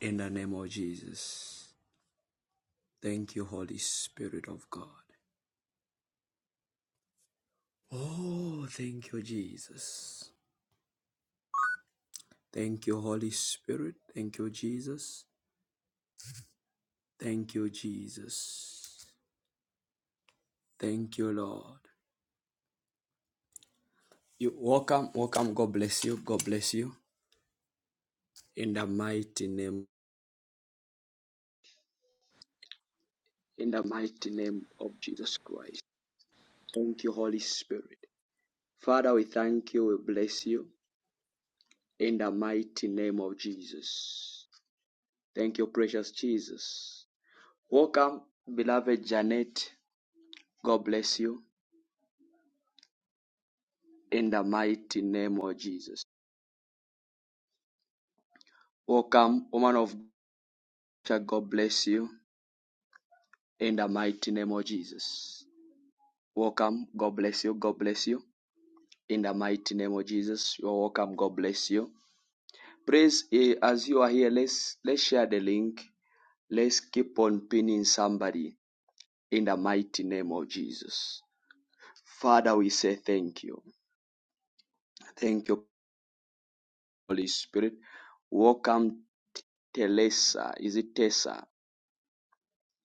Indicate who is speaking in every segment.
Speaker 1: In the name of Jesus. Thank you, Holy Spirit of God. Oh, thank you, Jesus. Thank you, Holy Spirit. Thank you, Jesus. Thank you, Jesus. Thank you, Lord. You welcome, welcome. God bless you. God bless you. In the mighty name, in the mighty name of Jesus Christ. Thank you, Holy Spirit. Father, we thank you. We bless you. In the mighty name of Jesus. Thank you, precious Jesus. Welcome, beloved Janet. God bless you in the mighty name of Jesus. Welcome, woman of God. God bless you in the mighty name of Jesus. Welcome. God bless you. God bless you in the mighty name of Jesus. You are welcome. God bless you. Praise eh, as you are here. Let's let's share the link. Let's keep on pinning somebody in the mighty name of Jesus. Father, we say thank you. Thank you Holy Spirit. Welcome, Teresa. Is it Tessa?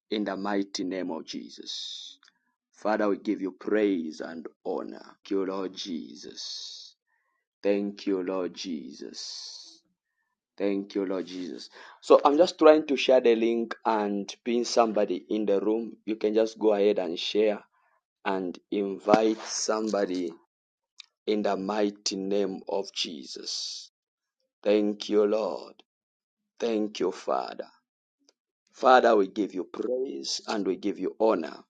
Speaker 1: In the mighty name of Jesus. Father, we give you praise and honor. Thank you, Lord Jesus. Thank you, Lord Jesus. Thank you, Lord Jesus. So I'm just trying to share the link and pin somebody in the room. You can just go ahead and share and invite somebody in the mighty name of Jesus. Thank you, Lord. Thank you, Father. Father, we give you praise and we give you honor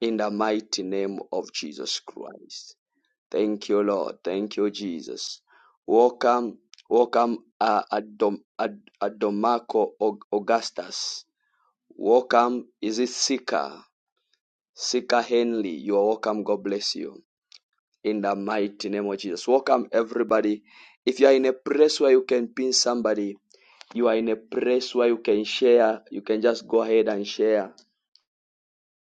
Speaker 1: in the mighty name of Jesus Christ. Thank you, Lord. Thank you, Jesus. Welcome, welcome, uh, Adom, Ad, Adomaco Aug- Augustus. Welcome, is it Sika? Sika Henley, you are welcome. God bless you. In the mighty name of Jesus. Welcome, everybody. If you are in a place where you can pin somebody, you are in a place where you can share, you can just go ahead and share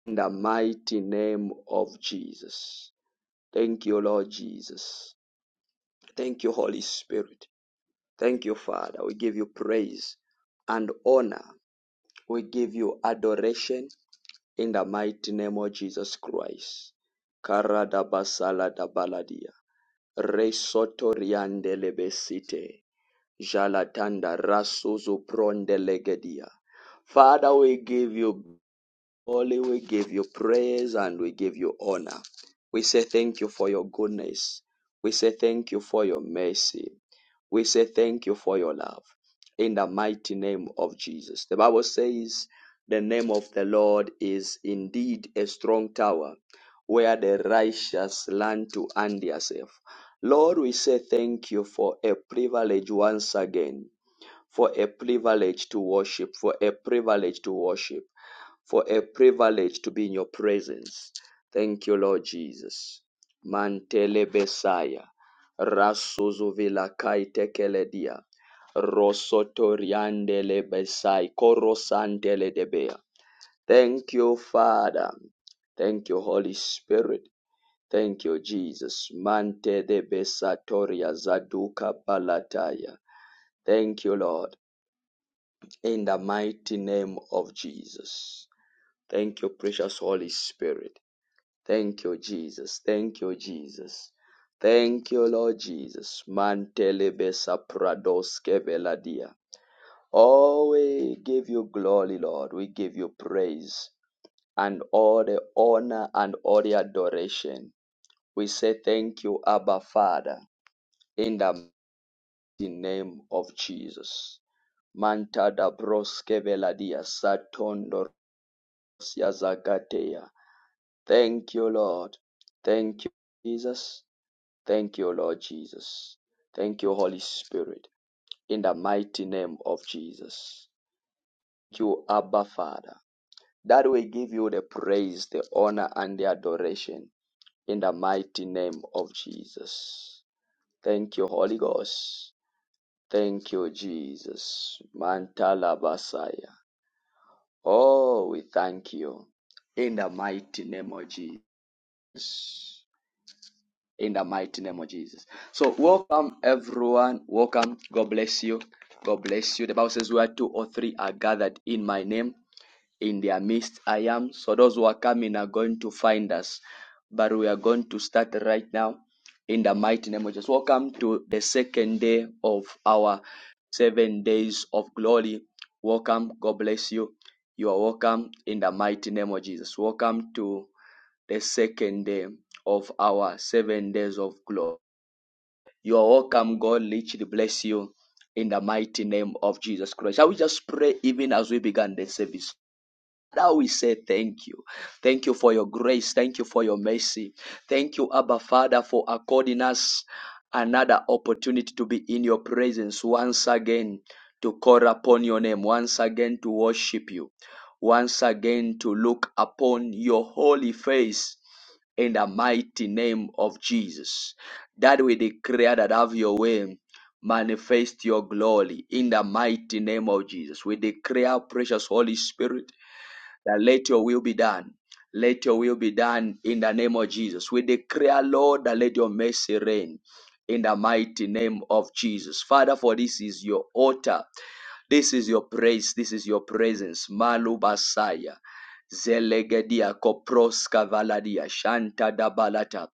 Speaker 1: in the mighty name of Jesus. Thank you, Lord Jesus. Thank you, Holy Spirit. Thank you, Father. We give you praise and honor. We give you adoration in the mighty name of Jesus Christ. Karada basala da baladia. Resoto riande lebesite. Jalatanda rasuzu pronde legedia. Father, we give you Holy, we give you praise and we give you honor. We say thank you for your goodness. We say thank you for your mercy. We say thank you for your love. In the mighty name of Jesus. The Bible says the name of the Lord is indeed a strong tower where the righteous learn to and yourself. Lord, we say thank you for a privilege once again for a privilege to worship, for a privilege to worship, for a privilege to be in your presence. Thank you, Lord Jesus. Mantele Besaya, Rasuzu Vilakai Tekeledia, Rosotoriandele Besai, Korosantele Debea. Thank you, Father. Thank you, Holy Spirit. Thank you, Jesus. Mante de Besatoria Zaduka Palataya. Thank you, Lord in the mighty name of Jesus. Thank you, precious Holy Spirit. Thank you, Jesus. Thank you, Jesus. Thank you, Lord Jesus. Mantelebesa pradoske veladia. Oh, we give you glory, Lord. We give you praise and all the honor and all the adoration. We say thank you, Abba Father, in the mighty name of Jesus. Manta da broske veladia satondo Yazagateya. Thank you, Lord. Thank you, Jesus. Thank you, Lord Jesus. Thank you, Holy Spirit. In the mighty name of Jesus. Thank you, Abba Father. That we give you the praise, the honor, and the adoration. In the mighty name of Jesus. Thank you, Holy Ghost. Thank you, Jesus. Mantala Basaya. Oh, we thank you. In the mighty name of Jesus. in the mighty name of Jesus. So, welcome everyone. Welcome. God bless you. God bless you. The Bible says, Where two or three are gathered in my name, in their midst I am. So, those who are coming are going to find us. But we are going to start right now in the mighty name of Jesus. Welcome to the second day of our seven days of glory. Welcome. God bless you. You are welcome in the mighty name of Jesus. Welcome to the second day of our seven days of glory. You are welcome. God richly bless you in the mighty name of Jesus Christ. Shall we just pray even as we began the service? Father, we say thank you. Thank you for your grace. Thank you for your mercy. Thank you, Abba Father, for according us another opportunity to be in your presence once again, to call upon your name, once again to worship you, once again to look upon your holy face in the mighty name of Jesus. That we declare that have your way Manifest your glory in the mighty name of Jesus. We declare, precious Holy Spirit, that let your will be done. Let your will be done in the name of Jesus. We declare, Lord, that let your mercy reign in the mighty name of Jesus. Father, for this is your altar. This is your praise. This is your presence. Malu Basaya. Zelegedia Koproska Valadia Shanta Dabalata.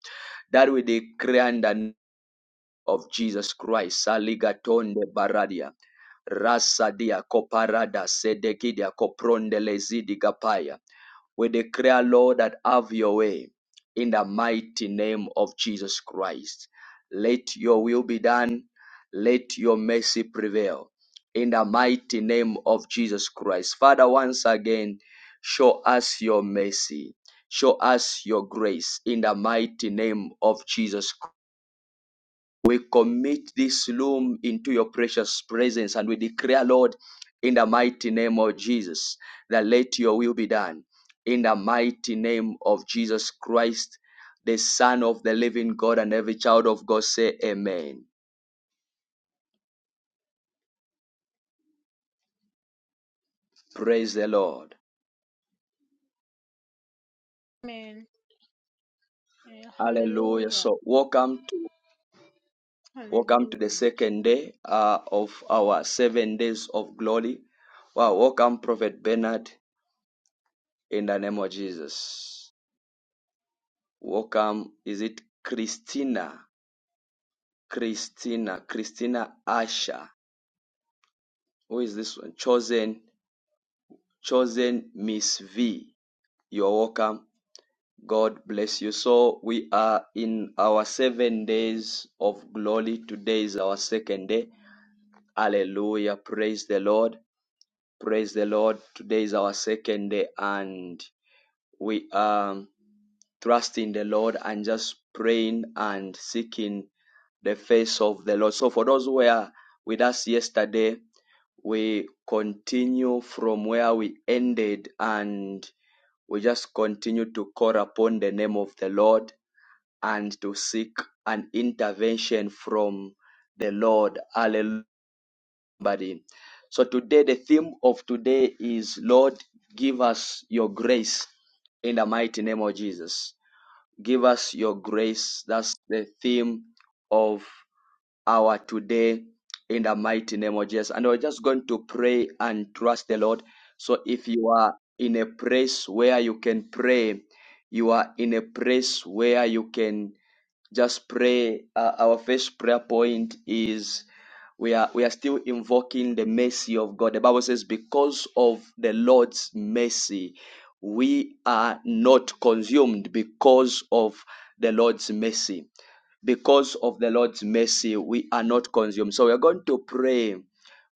Speaker 1: That we declare and of Jesus Christ. Saligatonde baradia. rasadia koparada sedekidia kopronde lezidi kapaya. We declare, Lord, that have your way in the mighty name of Jesus Christ. Let your will be done. Let your mercy prevail in the mighty name of Jesus Christ. Father, once again, show us your mercy. Show us your grace in the mighty name of Jesus Christ. We commit this room into your precious presence and we declare, Lord, in the mighty name of Jesus, that let your will be done. In the mighty name of Jesus Christ, the Son of the living God, and every child of God say, Amen. Praise the Lord.
Speaker 2: Amen. Yeah,
Speaker 1: Hallelujah.
Speaker 2: Hallelujah.
Speaker 1: So, welcome to welcome to the
Speaker 2: Hallelujah.
Speaker 1: second day uh, of our seven days of glory. Wow, welcome, Prophet Bernard, in the name of Jesus. Welcome. Is it Christina? Christina. Christina Asha? Who is this one? Chosen. Chosen Miss V. You're welcome. God bless you. So we are in our seven days of glory. Today is our second day. Hallelujah. Praise the Lord. Praise the Lord. Today is our second day and we are trusting the Lord and just praying and seeking the face of the Lord. So for those who were with us yesterday, we continue from where we ended and we just continue to call upon the name of the Lord and to seek an intervention from the Lord. Hallelujah somebody. So today, the theme of today is Lord, give us your grace in the mighty name of Jesus. Give us your grace. That's the theme of hour today in the mighty name of Jesus. And we're just going to pray and trust the Lord. So if you are in a place where you can pray, you are in a place where you can just pray. Uh, our first prayer point is we are we are still invoking the mercy of God. The Bible says, "Because of the Lord's mercy, we are not consumed because of the Lord's mercy." because of the Lord's mercy, we are not consumed. So we are going to pray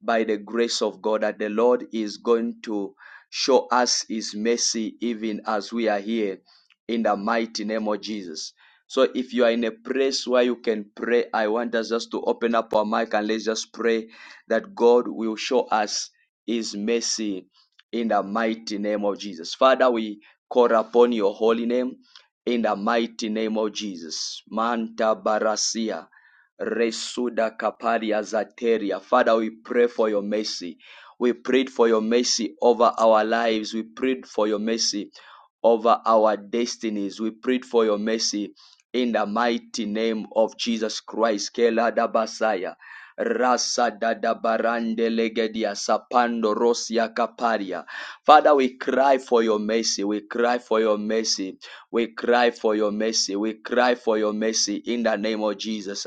Speaker 1: by the grace of God that the Lord is going to show us his mercy even as we are here in the mighty name of Jesus. So if you are in a place where you can pray, I want us just to open up our mic and let's just pray that God will show us his mercy in the mighty name of Jesus. Father, we call upon your holy name in the mighty name of Jesus. Manta Barasia. Resuda Kaparia Zateria. Father, we pray for your mercy. We prayed for your mercy over our lives. We prayed for your mercy over our destinies. We prayed for your mercy in the mighty name of Jesus Christ. Kela Dabasaya, Rasa dada barande legedia sapando rosia kaparia. Father, we cry for your mercy. We cry for your mercy we cry for your mercy. We cry for your mercy in the name of Jesus.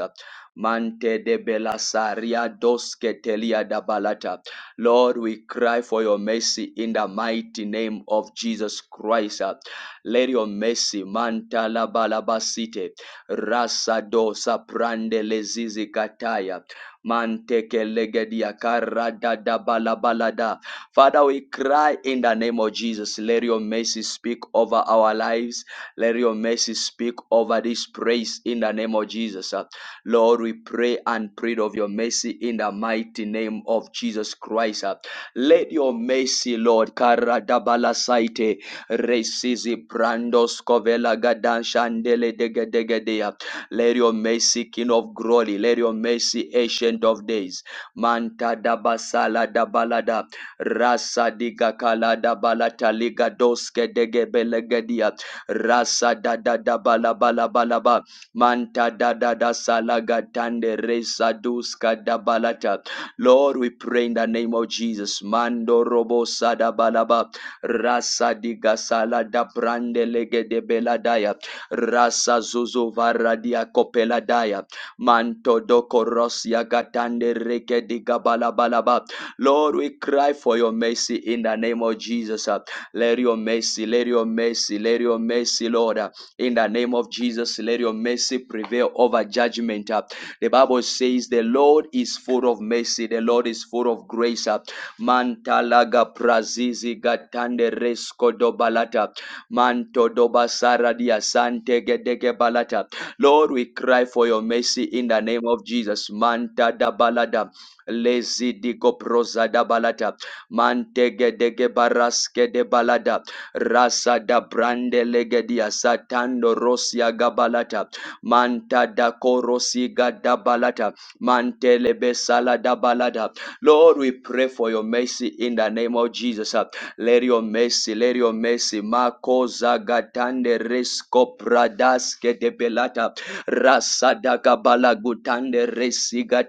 Speaker 1: Mante de belasaria doske telia da balata. Lord, we cry for your mercy in the mighty name of Jesus Christ. Let your mercy, manta la balabasite, rasa dosa prande lezizi kataya. Manteke legedia karada da balabalada. Father, we cry in the name of Jesus. Let your mercy speak over our lives let your mercy speak over this praise in the name of Jesus. uh. Lord, we pray and plead of your mercy in the mighty name of Jesus Christ. uh. Let your mercy, Lord, karadabala saite, resizi brandos kovela gadan shandele dege dege dea. Let your mercy, King of glory, let your mercy, Ancient of Days, manta dabasala dabalada, rasa diga kala dabala taliga doske dege belegedia rasa da da da ba la ba ba manta da da da salaga tande resa duska da balata Lord we pray in the name of Jesus mando robo sada balaba rasa diga salada brande lege de beladaya rasa zuzu varadia copeladaya manto doko rosia gatande reke diga balabalaba Lord we cry for your mercy in the name of Jesus Uh, let your mercy, let your mercy, let your mercy, Lord. uh, In the name of Jesus, let your mercy prevail over judgment. uh. The Bible says the Lord is full of mercy, the Lord is full of grace. uh. Mantalaga prazizi gatande resko dobalata. Manto dobasara diasante gedege balata. Lord, we cry for your mercy in the name of Jesus. Manta dabalada. Lezi digo proza da balata mantege dege baraske de balada rasa da brande legedia satando rosia gabalata manta da korosiga da balata mantelebe salada balada Lord, we pray for your mercy in the name of Jesus. uh. Let your mercy, let your mercy. Mako zagatande resko pradaske de belata. Rasada gabala gutande resiga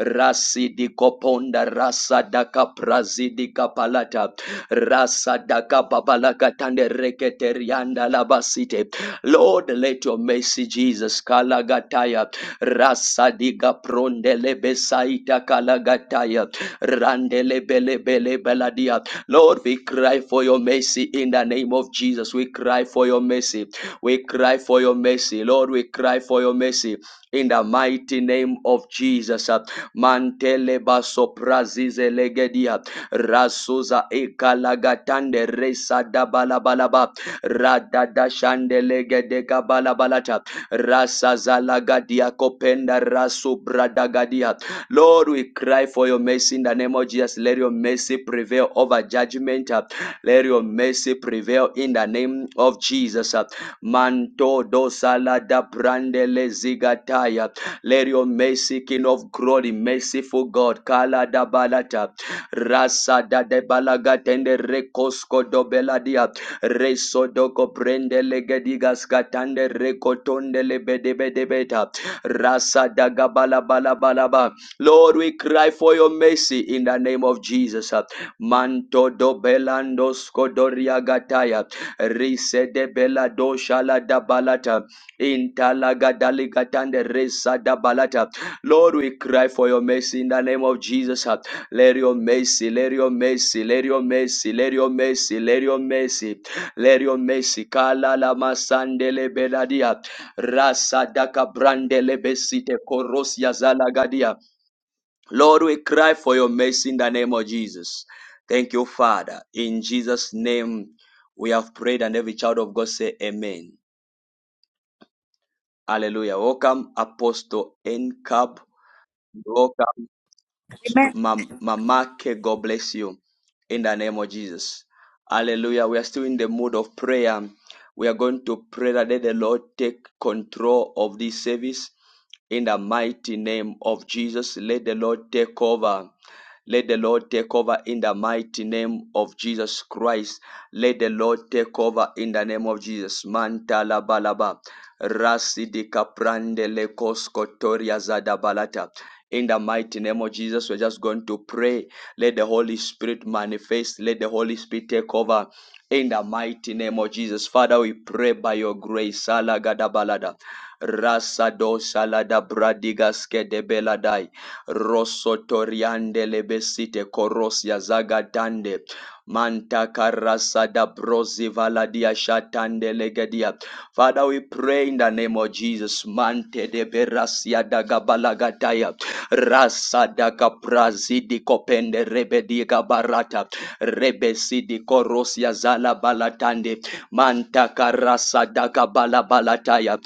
Speaker 1: rasidi koponda rasa daka prazidi kapalata rasa daka babalaka tande reketerianda labasite lord let your mercy jesus kalagataya rasadiga prondelebesaita kalagataya randelebelebelebeladia lord we cry for your mercy in the name of jesus we cry for your mercy we cry for your mercy lord we cry for your mercy in the mighty name of jesus Uh, mantele baso prazize legedia rasuza ekalagatande resa dabalabalaba radadashande legedeka balabalata rasazalagadia kopenda rasubradagadia lord we cry for your mercy in the name of jesus let your mercy prevail over judgment let your mercy prevail in the name of jesus manto dosala da brandele zigataya let your mercy, King of glory, merciful God, Kala da balata, Rasa da de balagatende rekosko do beladia, Reso doko prende legedigas katande rekotonde lebedebedebeta, Rasa da gabala bala bala ba. Lord, we cry for your mercy in the name of Jesus. Manto do belando skodoria gataya, Rise de belado shala da balata. In Talagadalikatande Resa Dabalata. Lord, we cry for your mercy in the name of Jesus. Let your mercy, let your mercy, let your mercy, let your mercy, let your mercy, let your mercy. Kala la masandele beladia. Rasa daka brandele besite korosia zalagadia. Lord, we cry for your mercy in the name of Jesus. Thank you, Father. In Jesus' name, we have prayed, and every child of God say, Amen. Hallelujah. Welcome, Apostle N. C A B. Welcome.
Speaker 3: Amen.
Speaker 1: Mam- Mamake, God bless you in the name of Jesus. Hallelujah. We are still in the mood of prayer. We are going to pray that let the Lord take control of this service in the mighty name of Jesus. Let the Lord take over. Let the Lord take over in the mighty name of Jesus Christ. Let the Lord take over in the name of Jesus. Manta la balaba. Rasi di caprande le coscotoria zada balata. In the mighty name of Jesus, we're just going to pray. Let the Holy Spirit manifest. Let the Holy Spirit take over. In the mighty name of Jesus, Father, we pray by your grace. Salagadabalada. Rasado salada bradigas kedebeladai. Rosotoriande lebesite korosia zagadande. Manta karasada brozi shatande legedia. Father, we pray in the name of Jesus. Mante de berasia dagabalagatai rasadaka prazidi kopende rebediga barata rebesidi korosia zala balatande mantaka rasadaka balabalataya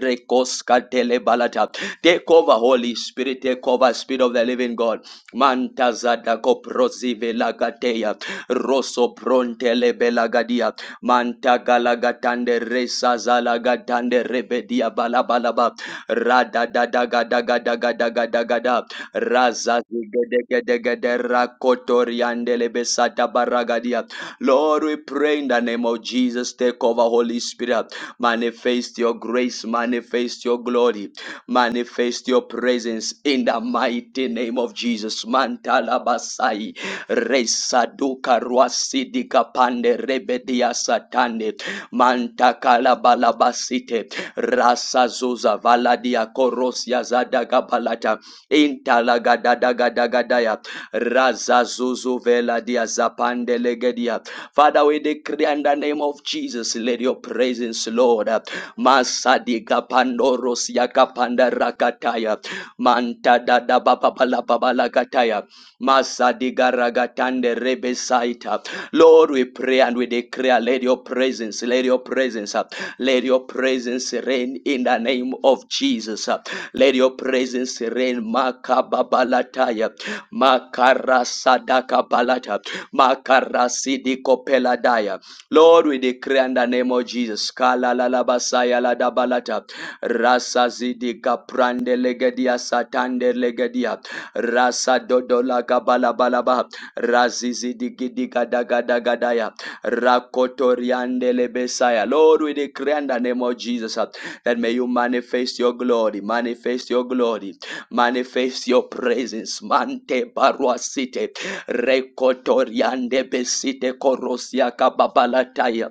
Speaker 1: rekoska tele balata take over holy spirit take over spirit of the living god mantazadako prozivelagateya rosso prontelebelagadia mantagalakatande resazalagatande rebedia balabalaba radadadagadagadagadagada razazigedegedegedekotoriandelebesatabaragadia lord we pray in the name of jesus take over holy spirit manifest your grace manifest your glory manifest your presence in the mighty name of jesus mantalabasai resaduka ruasidika pande rebedia satande mantakalabalabasite Rasa Zuza Valadia Korosia Zadagapalata Intalagadadagadaya Raza Zuzu Veladia Zapandelegedia. Father, we decree in the name of Jesus, let your presence, Lord. Masadiga Pandorosia Kapanda Rakataya Manta Dada Baba Bala Baba Lakataya Masadiga Ragatande Rebesaita Lord, we pray and we declare, let your presence, let your presence, uh, let your presence reign in the name of Jesus. uh. Let your presence reign. Makababalataya, Makarasadakabalata, Makarasidikopeladaya. Lord, we decree in the name of Jesus. Kala la la basaya la da balata. Rasa zidi kaprande legedia satande legedia. Rasa dodola gabala balaba. Razi zidi gidi gada gada gadaya. Rakotoriande lebesaya. Lord, we decree in the name of Jesus uh, that may you manifest your glory, manifest your glory, manifest your presence. Mante barua site. Rekotoriande besite korosia kababalataya.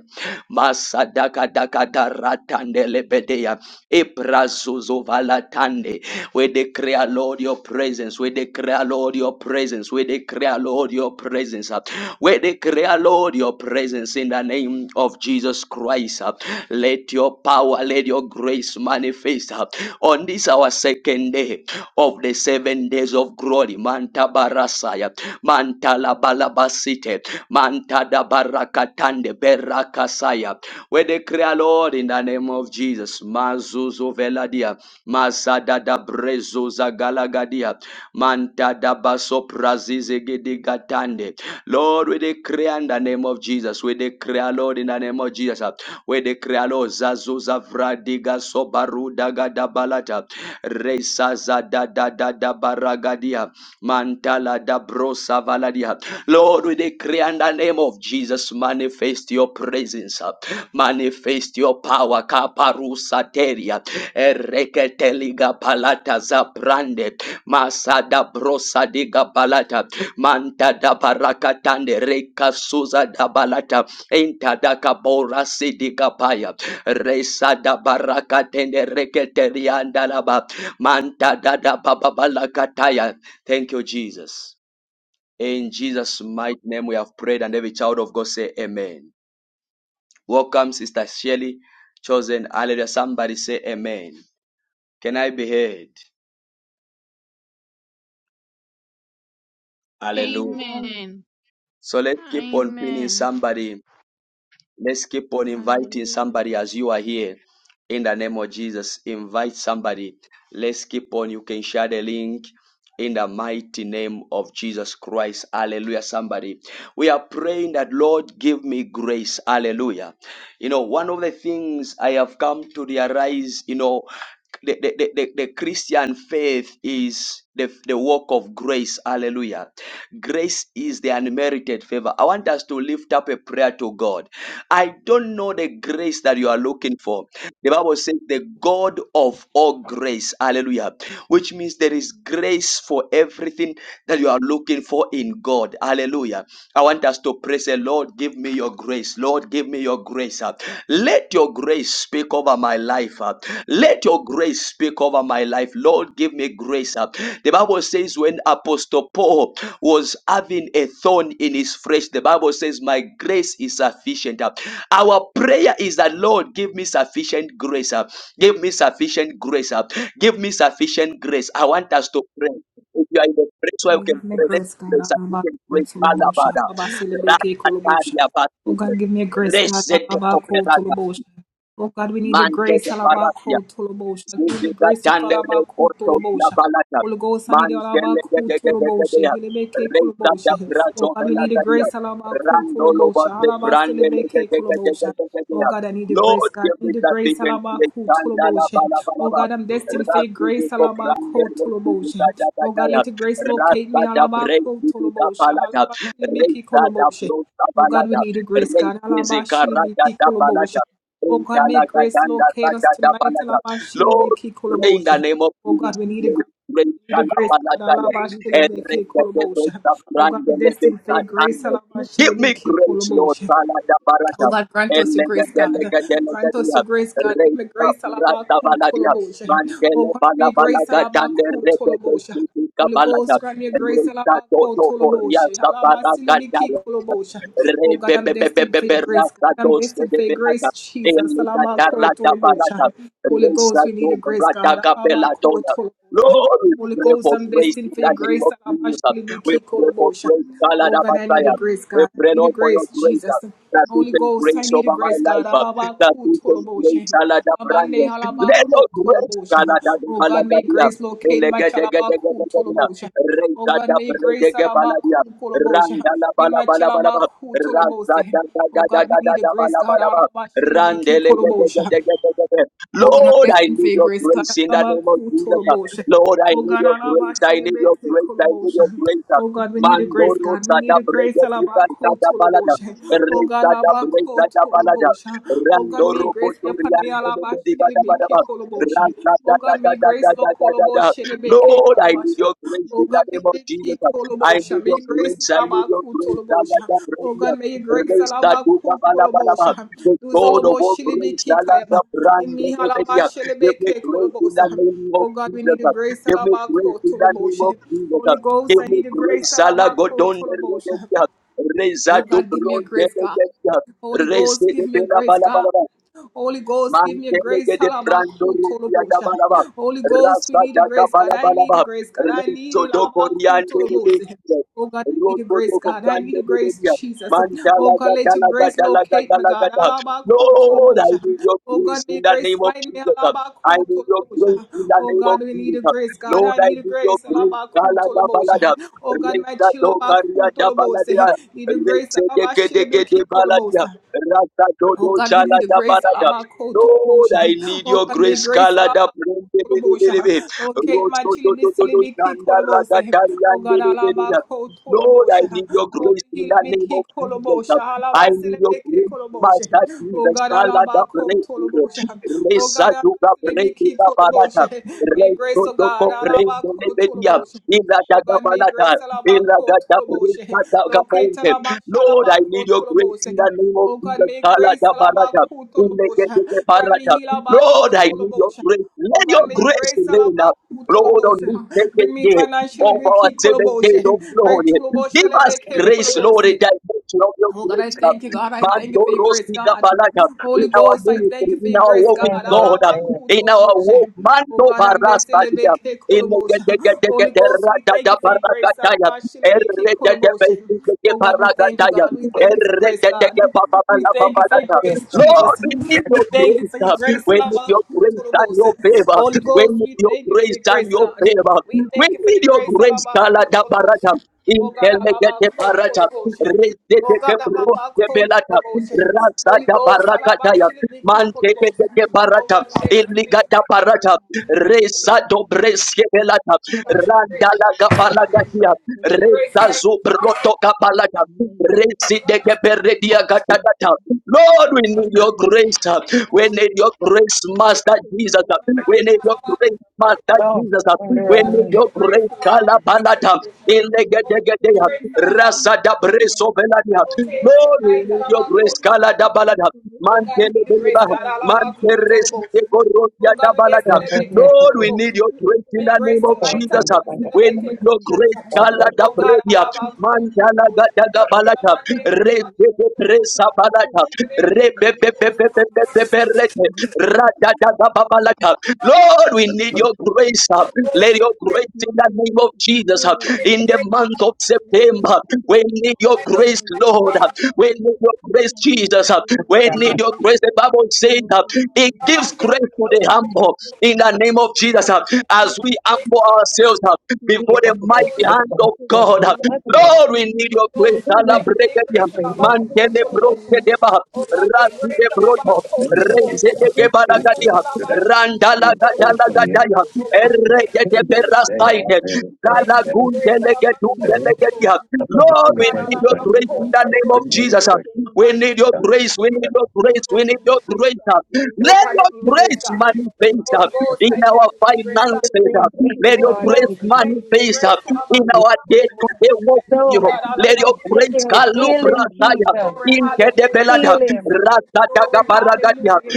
Speaker 1: Masadakadakadataratandelebedea. Ebrazuzovalatande. We declare, Lord, your presence. We declare, Lord, your presence. We declare, Lord, your presence. We declare, Lord, your presence in the name of Jesus Christ. Let your power, let your grace manifest on this our second day of the seven days of glory. Manta barasaya. Manta Mantala balabasite. Mantada barakatande berakasaya. We declare, Lord, in the name of Jesus. Mazuzu veladia. Masada da brezuza galagadia. Manta da baso prazize gidigatande. Lord, we declare in the name of Jesus. We declare, Lord, in the name of Jesus. We declare, Lord, Zazuza Vradiga Sobaruda Gadabalata. Resa Zada da da da da baragadia. Mantala da brosa valadia. Lord, we declare in the name of Jesus, manifest your presence, uh, manifest your power. Kaparusa teria, ereketeliga palata za brande, masada brosa diga palata, manta da barakatande reka suza da balata, enta da kabora sidiga paya, resa da barakatende reketerianda laba, manta da da baba balakataya Thank you, Jesus. In Jesus' mighty name, we have prayed, and every child of God say Amen. Welcome, Sister Shelley, chosen. Hallelujah. Somebody say Amen. Can I be heard? Hallelujah.
Speaker 4: Amen.
Speaker 2: Amen.
Speaker 1: So let's keep on pinning
Speaker 2: Amen.
Speaker 1: somebody. Let's keep on inviting
Speaker 2: Hallelujah.
Speaker 1: somebody as you are here. In the name of Jesus, invite somebody. Let's keep on. You can share the link in the mighty name of Jesus Christ. Hallelujah. Somebody. We are praying that Lord give me grace. Hallelujah. You know, one of the things I have come to realize, you know, the, the, the, the the Christian faith is the, the work of grace. Hallelujah. Grace is the unmerited favor. I want us to lift up a prayer to God. I don't know the grace that you are looking for. The Bible says the God of all grace grace. Hallelujah. Which means there is grace for everything that you are looking for in God. Hallelujah. I want us to pray, say, Lord, give me your grace. Lord, give me your grace. uh. Let your grace speak over my life. uh. Let your grace speak over my life. Lord, give me grace. uh. The Bible says when Apostle Paul was having a thorn in his flesh, the Bible says, My grace is sufficient. uh. Our prayer is that, Lord, give me sufficient grace. uh. Give me sufficient grace. ah. Give me sufficient grace. I want us to pray. If you are in the place where
Speaker 5: I
Speaker 1: you can
Speaker 5: give me
Speaker 1: pray, let's
Speaker 5: grace,
Speaker 1: pray
Speaker 5: God. I'm about
Speaker 1: sufficient
Speaker 5: to go
Speaker 1: grace.
Speaker 5: to Lobosha.
Speaker 1: Malabada.
Speaker 5: I'm about to celebrate Kolo Bosha.
Speaker 1: Rakataria
Speaker 5: Oh God,
Speaker 1: basude.
Speaker 5: give me a grace, God.
Speaker 1: Resete
Speaker 5: Alabako
Speaker 1: koperata.
Speaker 5: Tolobosha. Oh God, we need your
Speaker 1: Mante
Speaker 5: grace.
Speaker 1: de
Speaker 5: Alabako
Speaker 1: paratia.
Speaker 5: Tolobosha. Give me
Speaker 1: Zika
Speaker 5: grace to
Speaker 1: tandere
Speaker 5: Falabako
Speaker 1: porto la
Speaker 5: Tolobosha.
Speaker 1: balata.
Speaker 5: Holy Ghost, I need the
Speaker 1: Mantele de
Speaker 5: Alabaku
Speaker 1: de de de de de
Speaker 5: Tolobosha.
Speaker 1: ya.
Speaker 5: Helebeke
Speaker 1: Reisa da
Speaker 5: Kolobosha. Oh
Speaker 1: brazo
Speaker 5: God,
Speaker 1: de
Speaker 5: we
Speaker 1: la
Speaker 5: need the
Speaker 1: caria.
Speaker 5: grace. Alabaku
Speaker 1: Rando lo
Speaker 5: Kolobosha.
Speaker 1: base brande le de
Speaker 5: Alabaselebeke
Speaker 1: de de de de
Speaker 5: Kolobosha.
Speaker 1: de de de
Speaker 5: Oh
Speaker 1: ya.
Speaker 5: God, I need the grace,
Speaker 1: Lord,
Speaker 5: God.
Speaker 1: give
Speaker 5: I need
Speaker 1: me
Speaker 5: the
Speaker 1: that
Speaker 5: grace,
Speaker 1: vision.
Speaker 5: Alabaku
Speaker 1: Reisa la
Speaker 5: Tolobosha.
Speaker 1: bala bala
Speaker 5: Oh
Speaker 1: ba.
Speaker 5: God, I'm destined for your
Speaker 1: Rasi de
Speaker 5: grace,
Speaker 1: ko brande
Speaker 5: Alabako
Speaker 1: le si de da
Speaker 5: Tolobosha.
Speaker 1: da da
Speaker 5: Oh
Speaker 1: da
Speaker 5: God,
Speaker 1: ya.
Speaker 5: let the grace locate me,
Speaker 1: Rasa da
Speaker 5: Alabako
Speaker 1: brezi de da
Speaker 5: Tolobosha.
Speaker 1: balata.
Speaker 5: Alabaselebeke
Speaker 1: Reisa da
Speaker 5: Kolobosha.
Speaker 1: brosa
Speaker 5: Oh God, we
Speaker 1: balata.
Speaker 5: need your grace, God.
Speaker 1: Reisa
Speaker 5: alaba
Speaker 1: zika rata
Speaker 5: shilibiki
Speaker 1: da
Speaker 5: kolobosha.
Speaker 1: balata.
Speaker 5: Oh
Speaker 1: Inta
Speaker 5: God, may
Speaker 1: la
Speaker 5: grace
Speaker 1: gaganda sa
Speaker 5: locate us
Speaker 1: da da
Speaker 5: tonight.
Speaker 1: balata.
Speaker 5: Alaba
Speaker 1: Lord,
Speaker 5: shilibiki
Speaker 1: pray in the
Speaker 5: kolobosha.
Speaker 1: name of
Speaker 5: Oh
Speaker 1: Jesus.
Speaker 5: God, we need a grace.
Speaker 1: Pray,
Speaker 5: We need a grace, God.
Speaker 1: Kalapanataya,
Speaker 5: alaba
Speaker 1: and
Speaker 5: shilibiki kolobosha.
Speaker 1: Rekatebeta,
Speaker 5: Oh God, we're destined for
Speaker 1: Brandelebeta,
Speaker 5: your grace.
Speaker 1: Tande.
Speaker 5: Alaba
Speaker 1: Give me
Speaker 5: shilibiki
Speaker 1: grace, Lord.
Speaker 5: kolobosha.
Speaker 1: Balada
Speaker 5: Oh
Speaker 1: Barata.
Speaker 5: God, grant us
Speaker 1: and
Speaker 5: your grace, God. Grant us
Speaker 1: Legatelegatelegatelea,
Speaker 5: your grace, God. Give me
Speaker 1: Reka
Speaker 5: grace,
Speaker 1: Brata
Speaker 5: Alabaku
Speaker 1: Baladia,
Speaker 5: Tolobosha. Oh
Speaker 1: Bandele
Speaker 5: God, me grace,
Speaker 1: Balabalaga, Tande,
Speaker 5: Alabaku Tolobosha.
Speaker 1: Rekatebeta,
Speaker 5: Holy
Speaker 1: Balata,
Speaker 5: Ghost, grant me your grace,
Speaker 1: Reka
Speaker 5: Alabaku
Speaker 1: Toto, Korea,
Speaker 5: Tolobosha. Alabasilibiki
Speaker 1: Sabaraka,
Speaker 5: Kolobosha.
Speaker 1: Lord,
Speaker 5: Oh
Speaker 1: we
Speaker 5: God,
Speaker 1: pray
Speaker 5: I'm destined for your grace, God. I'm destined for your grace, Jesus. Alabaku Tolobosha. Holy Ghost, we need a grace, God. Alabaku Tolobosha. Holy Ghost,
Speaker 1: for
Speaker 5: I'm
Speaker 1: grace
Speaker 5: destined
Speaker 1: in
Speaker 5: for your
Speaker 1: the name
Speaker 5: grace.
Speaker 1: of Jesus. We pray for
Speaker 5: Alabashilibiki-kolobosha.
Speaker 1: grace, God,
Speaker 5: Oh God, I need a
Speaker 1: Messiah.
Speaker 5: grace,
Speaker 1: We
Speaker 5: God. I
Speaker 1: pray,
Speaker 5: need a
Speaker 1: Lord, for your
Speaker 5: grace,
Speaker 1: grace. uh,
Speaker 5: Jesus.
Speaker 1: That you
Speaker 5: Holy
Speaker 1: can
Speaker 5: Ghost, I
Speaker 1: grace
Speaker 5: need a
Speaker 1: over my
Speaker 5: grace, God.
Speaker 1: life. uh, That you can
Speaker 5: Alabakutolobosha.
Speaker 1: grace, Alada
Speaker 5: Labande
Speaker 1: Brande. Let your grace,
Speaker 5: alabakutolobosha.
Speaker 1: Alada
Speaker 5: Oh God, may
Speaker 1: Balagadia.
Speaker 5: grace locate my
Speaker 1: Elegadegadegadegadia,
Speaker 5: chalabakutolobosha. Oh
Speaker 1: Reza
Speaker 5: God,
Speaker 1: da
Speaker 5: may grace
Speaker 1: Bredegebaladia,
Speaker 5: alabakutolobosha.
Speaker 1: Randa la
Speaker 5: In
Speaker 1: bala
Speaker 5: my
Speaker 1: bala bala bala Lord,
Speaker 5: chalabakutolobosha. Oh God, we need a grace, God. Alabashilibiki-kolobosha. Oh God, I'm
Speaker 1: I
Speaker 5: destined for
Speaker 1: need
Speaker 5: your
Speaker 1: your
Speaker 5: grace, God.
Speaker 1: grace in the name of Jesus.
Speaker 5: Abakutorobosha.
Speaker 1: Lord, I
Speaker 5: Oh
Speaker 1: need
Speaker 5: God,
Speaker 1: your
Speaker 5: I
Speaker 1: grace. I
Speaker 5: the
Speaker 1: need
Speaker 5: make
Speaker 1: your
Speaker 5: alabashelebeke
Speaker 1: grace. I need your
Speaker 5: kolobosha.
Speaker 1: grace.
Speaker 5: Oh God, we need a grace,
Speaker 1: Mandoro
Speaker 5: God. We
Speaker 1: sada
Speaker 5: need a grace.
Speaker 1: brega tuka sada balada.
Speaker 5: alabakotolobosha. Oh God,
Speaker 1: Reza
Speaker 5: I
Speaker 1: da breza da balada.
Speaker 5: alabakotolobosha. Oh God, may
Speaker 1: Randoro
Speaker 5: grace be upon me.
Speaker 1: kotoriande de de bada bada
Speaker 5: alabashelebeke
Speaker 1: ba.
Speaker 5: kolobosha.
Speaker 1: Raza da
Speaker 5: Oh
Speaker 1: da
Speaker 5: God,
Speaker 1: da
Speaker 5: may
Speaker 1: da da
Speaker 5: grace
Speaker 1: da
Speaker 5: look
Speaker 1: da
Speaker 5: cool
Speaker 1: da da.
Speaker 5: motion. Shilly make
Speaker 1: Lord,
Speaker 5: lo
Speaker 1: I need
Speaker 5: Labasha.
Speaker 1: your grace
Speaker 5: Oh
Speaker 1: in
Speaker 5: God,
Speaker 1: the name
Speaker 5: may
Speaker 1: of
Speaker 5: they keep
Speaker 1: Jesus. I need
Speaker 5: Kolobosha. May
Speaker 1: your
Speaker 5: your grace
Speaker 1: grace. I need your
Speaker 5: Alabaku
Speaker 1: grace.
Speaker 5: Tolobosha.
Speaker 1: Dalada
Speaker 5: Oh
Speaker 1: brandia.
Speaker 5: God, may your grace
Speaker 1: Grace that you
Speaker 5: Alabaku
Speaker 1: come alabalaba.
Speaker 5: Kolobosha.
Speaker 1: The God of all
Speaker 5: Duzoloboshi
Speaker 1: grace.
Speaker 5: Libiki
Speaker 1: Dalada
Speaker 5: Kayaba. In
Speaker 1: brandia.
Speaker 5: me Halabashi
Speaker 1: Give me
Speaker 5: Libeke
Speaker 1: grace in the
Speaker 5: Kolobosa.
Speaker 1: name of
Speaker 5: Oh God, we
Speaker 1: Jesus.
Speaker 5: need the grace
Speaker 1: Give me grace
Speaker 5: Alabako
Speaker 1: in the name of
Speaker 5: Tolobosha.
Speaker 1: Jesus.
Speaker 5: Holy Ghost,
Speaker 1: Give
Speaker 5: I
Speaker 1: me
Speaker 5: need the grace
Speaker 1: grace. Ala
Speaker 5: Alabako
Speaker 1: godon
Speaker 5: Tolobosha.
Speaker 1: rebedia. Reza
Speaker 5: Oh
Speaker 1: do
Speaker 5: God, give me a
Speaker 1: bronde
Speaker 5: grace, God.
Speaker 1: rebedia.
Speaker 5: Holy
Speaker 1: Reza
Speaker 5: Ghost,
Speaker 1: de
Speaker 5: give me a
Speaker 1: bela
Speaker 5: grace, God.
Speaker 1: balaba.
Speaker 5: Holy Ghost, give me a
Speaker 1: Mantele
Speaker 5: grace.
Speaker 1: que de brando rupia da
Speaker 5: Halabakutolobosha.
Speaker 1: balaba.
Speaker 5: Holy Ghost, we
Speaker 1: Rasa
Speaker 5: need a
Speaker 1: da da
Speaker 5: grace, God. I need a
Speaker 1: balabalaba.
Speaker 5: grace, God. I need
Speaker 1: Renzo
Speaker 5: it.
Speaker 1: do coriande de
Speaker 5: Halabakutolobosha.
Speaker 1: de.
Speaker 5: Oh God, I need a
Speaker 1: Roto
Speaker 5: grace,
Speaker 1: do
Speaker 5: God. I need
Speaker 1: coprande
Speaker 5: a
Speaker 1: de
Speaker 5: grace,
Speaker 1: de.
Speaker 5: Jesus. Oh
Speaker 1: Mandala
Speaker 5: God,
Speaker 1: da
Speaker 5: let
Speaker 1: da
Speaker 5: your
Speaker 1: la da
Speaker 5: grace
Speaker 1: da la da
Speaker 5: locate
Speaker 1: da
Speaker 5: me,
Speaker 1: la da
Speaker 5: God.
Speaker 1: da. Lord, I
Speaker 5: Halabakutolobosha.
Speaker 1: need your
Speaker 5: Oh God,
Speaker 1: grace
Speaker 5: may
Speaker 1: in
Speaker 5: your
Speaker 1: the
Speaker 5: grace
Speaker 1: name of
Speaker 5: find me.
Speaker 1: Jesus. I need your grace
Speaker 5: Halabakutolobosha.
Speaker 1: in the
Speaker 5: Oh
Speaker 1: name
Speaker 5: God,
Speaker 1: of
Speaker 5: we need a
Speaker 1: Jesus.
Speaker 5: grace, God.
Speaker 1: Lord,
Speaker 5: I
Speaker 1: I
Speaker 5: need a
Speaker 1: need your
Speaker 5: grace.
Speaker 1: grace. Gala da
Speaker 5: Halabakutolobosha.
Speaker 1: balada.
Speaker 5: Oh God, my
Speaker 1: Reza do caria da balada.
Speaker 5: chilabakutolobosha. Need a grace.
Speaker 1: Reza de que de que de balada.
Speaker 5: Halabashilebekikolobosa.
Speaker 1: Rasa do
Speaker 5: Oh
Speaker 1: do
Speaker 5: God, we
Speaker 1: chala
Speaker 5: need a
Speaker 1: da
Speaker 5: grace.
Speaker 1: balada. Lord, I
Speaker 5: Alabakotorobosha.
Speaker 1: need
Speaker 5: Oh
Speaker 1: your
Speaker 5: God, may
Speaker 1: grace.
Speaker 5: grace.
Speaker 1: Kalada
Speaker 5: Alabakotorobosha.
Speaker 1: brandebelebelebe.
Speaker 5: Locate my chili bisili biki kolobose. Oh God,
Speaker 1: Rosototototoyandaragatayandelebelebe. Lord, I
Speaker 5: alabakotorobosha.
Speaker 1: need your
Speaker 5: Oh
Speaker 1: grace in
Speaker 5: hili
Speaker 1: the name
Speaker 5: biki
Speaker 1: of Jesus.
Speaker 5: kolobosha.
Speaker 1: I
Speaker 5: Alabasili
Speaker 1: need your
Speaker 5: biki
Speaker 1: grace,
Speaker 5: kolobosha.
Speaker 1: Master
Speaker 5: Oh
Speaker 1: Jesus.
Speaker 5: God,
Speaker 1: Kalada brandebe.
Speaker 5: alabakotorobosha. Oh God,
Speaker 1: Resatuka
Speaker 5: alabasili biki
Speaker 1: brandeba balata.
Speaker 5: kolobosha. By your grace, oh God,
Speaker 1: Resotoko brandelebedia.
Speaker 5: alabakotorobosha. Oh God, may
Speaker 1: Iladagabalata.
Speaker 5: grace alabako toloboshe. Locate
Speaker 1: Iladagabrandagaponte. Lord, I
Speaker 5: alabashalabako
Speaker 1: need your grace in
Speaker 5: toloboshe.
Speaker 1: the name of
Speaker 5: Oh God,
Speaker 1: Jesus.
Speaker 5: may grace
Speaker 1: Kalada barata.
Speaker 5: alabaku tolobosha.
Speaker 1: Father,
Speaker 5: Grant me heal alabaku
Speaker 1: Lord, I need your
Speaker 5: tolobosha.
Speaker 1: grace.
Speaker 5: Oh
Speaker 1: Let your
Speaker 5: God, may
Speaker 1: grace
Speaker 5: grace
Speaker 1: rain out.
Speaker 5: alabaku
Speaker 1: Lord, on
Speaker 5: tolobosha.
Speaker 1: this second
Speaker 5: Bring me
Speaker 1: day
Speaker 5: financially
Speaker 1: of
Speaker 5: break
Speaker 1: our
Speaker 5: he
Speaker 1: seventh day
Speaker 5: kolobosha.
Speaker 1: of
Speaker 5: Break
Speaker 1: glory,
Speaker 5: tulobosha
Speaker 1: give us
Speaker 5: lebeke
Speaker 1: grace,
Speaker 6: Fifty.
Speaker 1: Lord, a
Speaker 5: kolobose.
Speaker 1: dimension of your
Speaker 5: Oh God, I
Speaker 1: grace. uh,
Speaker 5: thank you, God. I thank you
Speaker 1: Mando
Speaker 5: for your grace,
Speaker 1: Rosina
Speaker 5: God.
Speaker 1: Balaya,
Speaker 5: Holy
Speaker 1: In our
Speaker 5: Ghost, I thank you
Speaker 1: ministry,
Speaker 5: for
Speaker 1: in
Speaker 5: your
Speaker 1: our
Speaker 5: grace,
Speaker 1: walk
Speaker 5: God.
Speaker 1: with
Speaker 6: One more
Speaker 1: God,
Speaker 6: to
Speaker 1: uh,
Speaker 6: say it,
Speaker 1: in our walk,
Speaker 5: Alabakutoloboshe. Oh
Speaker 1: Mando
Speaker 5: God, I'm this
Speaker 1: Barastadia. In the
Speaker 5: Holy Ghost, we thank you for your grace.
Speaker 1: Paragatia, Erre
Speaker 5: Alabashilibikikoloboshe.
Speaker 1: de
Speaker 5: Oh God, we thank you,
Speaker 1: Paragataya,
Speaker 5: God. We thank you for
Speaker 1: Erre
Speaker 5: grace,
Speaker 1: de
Speaker 5: God.
Speaker 1: Papa
Speaker 5: We thank you for your
Speaker 6: but
Speaker 1: Lapa
Speaker 6: still
Speaker 5: grace,
Speaker 1: Lord,
Speaker 6: something.
Speaker 5: Jesus.
Speaker 1: we need
Speaker 5: We
Speaker 1: your
Speaker 5: thank you
Speaker 1: grace.
Speaker 5: for your
Speaker 1: uh,
Speaker 5: grace.
Speaker 1: We need your grace and your
Speaker 5: Alabakutoloboshe.
Speaker 1: favor.
Speaker 5: Holy
Speaker 1: We
Speaker 5: Ghost,
Speaker 1: need
Speaker 5: we
Speaker 1: your
Speaker 5: thank you for
Speaker 1: grace
Speaker 5: your
Speaker 1: and
Speaker 5: grace,
Speaker 1: your
Speaker 5: God.
Speaker 1: favor.
Speaker 5: We
Speaker 1: We
Speaker 5: thank you for
Speaker 1: need
Speaker 5: your
Speaker 1: your
Speaker 5: grace.
Speaker 1: grace, Kalada Barata.
Speaker 5: Alabakutoloboshe. Oh God,
Speaker 1: Intelegate Barata.
Speaker 5: Alabakutoloboshe. Oh God,
Speaker 1: Reseteke
Speaker 5: I'm about to
Speaker 1: Prote
Speaker 5: go to the
Speaker 1: Belata.
Speaker 4: We
Speaker 5: motion.
Speaker 1: Rasa
Speaker 5: Holy
Speaker 1: da
Speaker 5: Ghost, I'm about
Speaker 1: Barakataya.
Speaker 5: to the big key for the
Speaker 1: Manteke
Speaker 5: motion.
Speaker 4: thank
Speaker 5: Oh
Speaker 1: Barata.
Speaker 4: you,
Speaker 5: God, we thank
Speaker 4: Lord,
Speaker 5: you,
Speaker 4: that
Speaker 1: Iligata
Speaker 5: we
Speaker 4: you will be so
Speaker 1: Barata.
Speaker 4: kind to us, that you
Speaker 1: Resa
Speaker 4: will be
Speaker 1: do
Speaker 4: so
Speaker 1: Breske
Speaker 4: kind
Speaker 1: Belata.
Speaker 5: thank you, we thank
Speaker 1: Randala
Speaker 5: you,
Speaker 4: to
Speaker 5: God.
Speaker 1: Gapalagatia.
Speaker 4: us, that you will be
Speaker 5: We grace
Speaker 1: Reza
Speaker 5: you, God.
Speaker 1: zubroto
Speaker 4: so kind to us.
Speaker 1: kabalata.
Speaker 4: You will give us the
Speaker 1: Rezi deke
Speaker 4: support we will have,
Speaker 1: beredia
Speaker 4: that
Speaker 1: gatadata. Lord, we need
Speaker 4: you
Speaker 1: your
Speaker 4: will give us
Speaker 1: grace.
Speaker 4: the
Speaker 1: uh,
Speaker 4: support we
Speaker 1: We
Speaker 4: will have,
Speaker 1: need your grace, Master Jesus. uh, We need your
Speaker 5: Alaba,
Speaker 1: grace,
Speaker 4: that
Speaker 1: Master
Speaker 5: Oh
Speaker 6: Oh,
Speaker 1: Jesus. uh,
Speaker 6: I'm there
Speaker 1: We
Speaker 6: on
Speaker 4: you will
Speaker 5: God,
Speaker 1: need
Speaker 5: we
Speaker 6: me.
Speaker 5: need
Speaker 4: give
Speaker 1: your
Speaker 4: us the support we will have. You will
Speaker 1: grace,
Speaker 4: give us the support
Speaker 1: Kalabalata.
Speaker 4: we will have, that
Speaker 5: Oh God,
Speaker 4: you
Speaker 5: we need the grace, i Oh
Speaker 4: will
Speaker 5: God,
Speaker 4: give us the
Speaker 5: we need
Speaker 1: Ilegedegedea.
Speaker 5: grace,
Speaker 4: support we
Speaker 5: I'm
Speaker 4: will have.
Speaker 5: about
Speaker 1: Rasa da breso velania. Lord, we need your
Speaker 5: to go
Speaker 1: grace,
Speaker 5: to the motion.
Speaker 1: Kala da balada.
Speaker 5: Oh God, we
Speaker 1: Mantele
Speaker 5: need you grace,
Speaker 1: belibaha,
Speaker 5: God. Alaba
Speaker 1: mantere, si de
Speaker 5: kutoloboshi.
Speaker 1: corosia
Speaker 5: Oh
Speaker 1: da
Speaker 5: God, we dey
Speaker 1: balada.
Speaker 6: So, but
Speaker 5: celebrate
Speaker 6: yeah, I
Speaker 1: Lord,
Speaker 6: could
Speaker 1: we need
Speaker 5: koloboshi.
Speaker 1: your grace in
Speaker 5: Are you
Speaker 1: the name
Speaker 5: grace
Speaker 1: of
Speaker 6: start
Speaker 5: tonight?
Speaker 1: Jesus.
Speaker 6: on it
Speaker 5: Alaba
Speaker 6: like that.
Speaker 1: We
Speaker 6: But,
Speaker 5: celebrate
Speaker 1: need your grace.
Speaker 5: koloboshi.
Speaker 6: but, but,
Speaker 1: Galaga
Speaker 5: Oh God,
Speaker 1: bredia.
Speaker 5: alaba
Speaker 1: Man galaga
Speaker 5: kutoloboshi.
Speaker 1: daga balata.
Speaker 5: Amande
Speaker 1: Re
Speaker 5: alaba
Speaker 1: re, re, pre re, re,
Speaker 5: kutoloboshi.
Speaker 1: Re re,
Speaker 5: Celebrate
Speaker 1: re, re, pe pe pe pe
Speaker 5: koloboshi.
Speaker 1: pe re te. Ra da da da ba balata.
Speaker 4: Grace,
Speaker 1: Lord, we need your grace. Let your grace in the name of Jesus. In the
Speaker 5: Grace,
Speaker 1: month of September, we need your
Speaker 5: I
Speaker 1: grace, Lord. We need your grace, Jesus.
Speaker 6: but,
Speaker 1: We need
Speaker 6: but,
Speaker 1: your grace. The Bible says it gives grace to the humble in the name of Jesus uh, as we humble ourselves uh,
Speaker 6: we
Speaker 1: before
Speaker 6: have
Speaker 1: the
Speaker 6: to think with I'm going to be able to do
Speaker 5: adore
Speaker 1: mighty
Speaker 5: you,
Speaker 6: with the
Speaker 1: hand
Speaker 6: phone
Speaker 1: of
Speaker 6: up again.
Speaker 1: God.
Speaker 6: And
Speaker 1: uh.
Speaker 6: that's the other
Speaker 1: Lord,
Speaker 6: thing.
Speaker 1: we need
Speaker 5: Holy
Speaker 1: your grace.
Speaker 6: Hey,
Speaker 5: Ghost. Thank you for your
Speaker 1: Alabregedia,
Speaker 5: grace,
Speaker 6: the
Speaker 5: alaba
Speaker 6: radio phone is just
Speaker 1: Mantele
Speaker 6: all
Speaker 5: kutoloboshi.
Speaker 1: brokedeba,
Speaker 5: Oh God, may grace,
Speaker 1: raside
Speaker 5: alaba
Speaker 1: brodo,
Speaker 6: Hey, definitely. I
Speaker 1: rejede
Speaker 5: kutoloboshi.
Speaker 6: have
Speaker 5: I
Speaker 6: eight,
Speaker 5: know
Speaker 6: yeah.
Speaker 1: gebaragadia,
Speaker 5: alaba
Speaker 6: Good
Speaker 4: Thank you.
Speaker 1: randala
Speaker 6: afternoon. Over
Speaker 1: gadala
Speaker 5: kutoloboshi.
Speaker 6: twenty-eight.
Speaker 4: Lord,
Speaker 1: gadaya,
Speaker 5: Oh God, we thank you for
Speaker 1: erregede
Speaker 5: your
Speaker 4: direction
Speaker 5: grace,
Speaker 4: just
Speaker 6: Day
Speaker 5: God.
Speaker 4: in
Speaker 6: out
Speaker 1: berasaide,
Speaker 4: God.
Speaker 6: there, once
Speaker 4: May
Speaker 1: gala
Speaker 6: again,
Speaker 4: we
Speaker 1: gundele
Speaker 4: turn to God
Speaker 1: gedundele
Speaker 6: today.
Speaker 1: gedia.
Speaker 4: and
Speaker 6: I'm not
Speaker 4: do
Speaker 6: just
Speaker 5: Oh
Speaker 1: Lord,
Speaker 6: gonna
Speaker 1: we
Speaker 5: God,
Speaker 4: this.
Speaker 6: play
Speaker 5: I
Speaker 1: need
Speaker 5: love
Speaker 6: this
Speaker 1: your
Speaker 6: out,
Speaker 5: our
Speaker 4: In the
Speaker 1: grace
Speaker 5: cold
Speaker 1: in
Speaker 4: name
Speaker 1: the
Speaker 6: uh,
Speaker 1: name of
Speaker 6: didn't
Speaker 4: of
Speaker 6: really
Speaker 5: television.
Speaker 4: the
Speaker 1: Jesus. uh.
Speaker 6: expect. it,
Speaker 4: King of the
Speaker 1: We
Speaker 6: but it's
Speaker 1: need your
Speaker 4: Super
Speaker 6: got to
Speaker 1: grace.
Speaker 4: Lamb.
Speaker 1: We
Speaker 6: be
Speaker 1: need your grace. We need your grace. uh.
Speaker 5: Oh
Speaker 1: Let
Speaker 5: God, you
Speaker 1: your
Speaker 5: need a great
Speaker 1: grace
Speaker 5: God.
Speaker 6: better.
Speaker 1: manifest.
Speaker 5: Holy
Speaker 1: uh,
Speaker 5: Ghost,
Speaker 1: in
Speaker 5: I thank
Speaker 1: our
Speaker 5: you for your grace, God.
Speaker 6: Over
Speaker 1: finances.
Speaker 6: three
Speaker 1: uh,
Speaker 6: and
Speaker 1: Let
Speaker 5: Holy
Speaker 1: your
Speaker 5: Ghost,
Speaker 1: grace
Speaker 6: eight,
Speaker 5: we thank you for your
Speaker 1: manifest
Speaker 5: grace.
Speaker 1: uh,
Speaker 5: I love our
Speaker 1: in our
Speaker 5: cold
Speaker 1: day to
Speaker 5: television.
Speaker 1: day walk with you.
Speaker 5: Oh
Speaker 6: So
Speaker 5: God, I
Speaker 6: it
Speaker 5: love
Speaker 1: Let
Speaker 6: should be
Speaker 5: our
Speaker 1: your grace
Speaker 6: sticking with
Speaker 5: cold
Speaker 6: heal
Speaker 5: television.
Speaker 6: him,
Speaker 1: kalubrataya.
Speaker 6: Jesus.
Speaker 5: Glory,
Speaker 1: In
Speaker 5: hallelujah,
Speaker 1: Kedebelada,
Speaker 6: Heal
Speaker 5: Jesus.
Speaker 6: him.
Speaker 1: Rasta, Daga
Speaker 5: Glory,
Speaker 4: Thank
Speaker 1: Baragadia,
Speaker 4: you.
Speaker 5: hallelujah,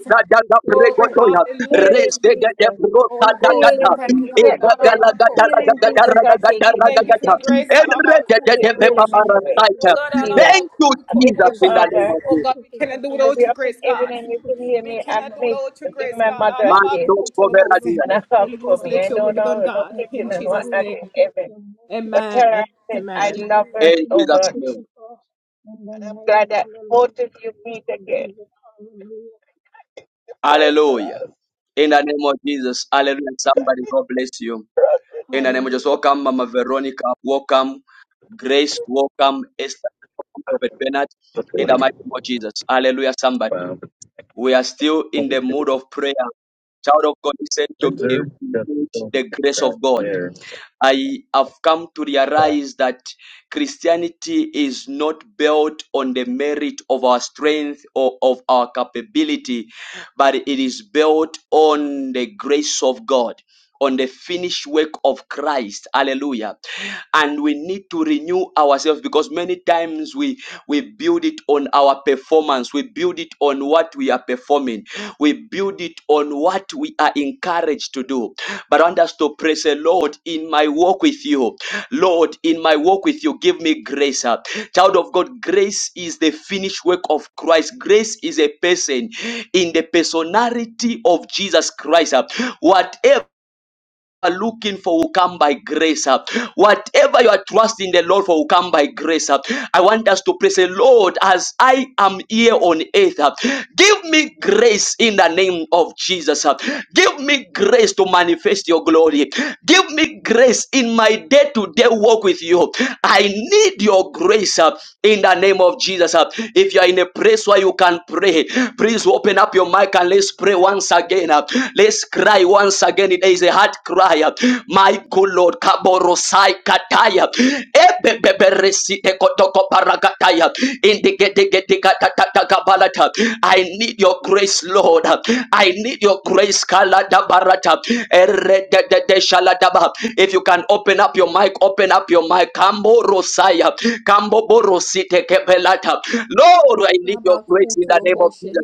Speaker 4: Hallelujah. In the name, in the
Speaker 1: Daga
Speaker 5: Glory,
Speaker 1: Bregotoya,
Speaker 4: name,
Speaker 6: Heal
Speaker 5: hallelujah,
Speaker 6: him,
Speaker 1: Reza
Speaker 5: Jesus.
Speaker 1: Daga
Speaker 6: Jesus.
Speaker 1: Brota
Speaker 5: Holy Ghost,
Speaker 6: Heal
Speaker 5: we
Speaker 4: in
Speaker 1: Dagata,
Speaker 6: him. Je-
Speaker 5: thank you,
Speaker 6: You
Speaker 5: God.
Speaker 6: can't be
Speaker 1: Eva
Speaker 6: praying.
Speaker 5: Alabako,
Speaker 1: Galagada
Speaker 6: Heal him,
Speaker 1: Ragada
Speaker 6: Jesus.
Speaker 5: tolobotion.
Speaker 6: I take
Speaker 1: Ragada
Speaker 5: We
Speaker 6: him,
Speaker 5: thank you for
Speaker 1: Ragada,
Speaker 5: your
Speaker 6: Jesus.
Speaker 5: grace.
Speaker 1: Enrede
Speaker 5: Alabaku,
Speaker 6: He-
Speaker 1: de
Speaker 6: Heal
Speaker 1: Vepa
Speaker 6: him
Speaker 5: tolobotion.
Speaker 6: anyway.
Speaker 5: Oh
Speaker 1: Parasaita.
Speaker 6: It's
Speaker 5: God,
Speaker 6: healed.
Speaker 1: Thank you,
Speaker 5: alabaku,
Speaker 6: I miss you,
Speaker 1: Jesus, in the name
Speaker 6: Father.
Speaker 5: tolobotion.
Speaker 1: of
Speaker 5: Oh
Speaker 1: Jesus.
Speaker 5: God, we cannot do it
Speaker 6: If
Speaker 5: without
Speaker 6: you're
Speaker 5: your
Speaker 6: up in
Speaker 5: grace,
Speaker 6: heaven
Speaker 5: God.
Speaker 6: and you can hear
Speaker 5: We
Speaker 6: me, I
Speaker 5: cannot do it
Speaker 6: miss
Speaker 5: without your
Speaker 6: you. Give
Speaker 5: grace,
Speaker 6: my
Speaker 5: God.
Speaker 6: mother a
Speaker 1: Man,
Speaker 6: kiss
Speaker 1: those
Speaker 5: Alabaku,
Speaker 1: for Veradia.
Speaker 5: tolobotion.
Speaker 6: and a hug
Speaker 5: Holy
Speaker 6: for
Speaker 5: Ghost,
Speaker 6: me.
Speaker 5: let
Speaker 6: I
Speaker 5: your
Speaker 6: know
Speaker 5: will be done,
Speaker 6: no, no
Speaker 5: God. In
Speaker 6: kissing and
Speaker 5: Jesus'
Speaker 6: whatnot in
Speaker 5: name.
Speaker 6: heaven. But
Speaker 5: Amen.
Speaker 6: tell her I said, I
Speaker 5: Amen.
Speaker 6: love her
Speaker 1: In
Speaker 6: so
Speaker 1: Jesus'
Speaker 6: much.
Speaker 1: name.
Speaker 6: And I'm glad that both of
Speaker 4: the
Speaker 6: you
Speaker 4: name
Speaker 6: meet
Speaker 4: of
Speaker 6: again.
Speaker 4: Jesus, hallelujah,
Speaker 6: Pray
Speaker 1: Hallelujah. In the name of Jesus. Hallelujah. Somebody, God bless you. In the name of Jesus.
Speaker 4: hallelujah.
Speaker 1: Welcome, Mama Veronica. Welcome, Grace. Welcome, Esther. Welcome, Prophet Bernard. In
Speaker 6: for us.
Speaker 1: the mighty name of Jesus. Hallelujah. Somebody.
Speaker 6: Bound at
Speaker 1: We are still in the
Speaker 6: 22.
Speaker 1: mood of prayer. Child of God, listen to me.
Speaker 6: Windsor
Speaker 1: We
Speaker 6: got the
Speaker 1: need
Speaker 6: silver
Speaker 1: the
Speaker 6: green
Speaker 1: grace
Speaker 6: back
Speaker 1: of God.
Speaker 6: there.
Speaker 1: I have come to realize that Christianity is not built on the merit of our strength or of our capability, but it is built on the grace of God, on the finished work of Christ. Hallelujah. And we need to renew ourselves because many times we, we build it on our performance, we build it on what we are performing, we build it on what we are encouraged to do. But I want us to praise the Lord in my walk with you. Lord, in my walk with you, give me grace. uh. Child of God, grace is the finished work of Christ. Grace is a person in the personality of Jesus Christ. uh. Whatever are looking for will come by grace. uh. Whatever you are trusting the Lord for will come by grace. uh. I want us to pray, say, Lord, as I am here on earth, uh, give me grace in the name of Jesus. uh. Give me grace to manifest your glory. Give me grace in my day to day walk with you. I need your grace uh, in the name of Jesus. uh. If you are in a place where you can pray, please open up your mic and let's pray once again. uh. Let's cry cry once again. It is a heart cry. My good Lord, Kaborosai Kataya. Ebebeberesi Ekotoko Paragataya. Indigedegedegatatabalata. I need your grace, Lord. I need your grace, Kalada Barata. Eredededeshaladaba. If you can open up your mic, open up your mic. Kambo Rosaya. Kambo Borosite Kebelata. Lord, I need your grace in the name of
Speaker 5: Labakutoloboshe,
Speaker 1: Jesus.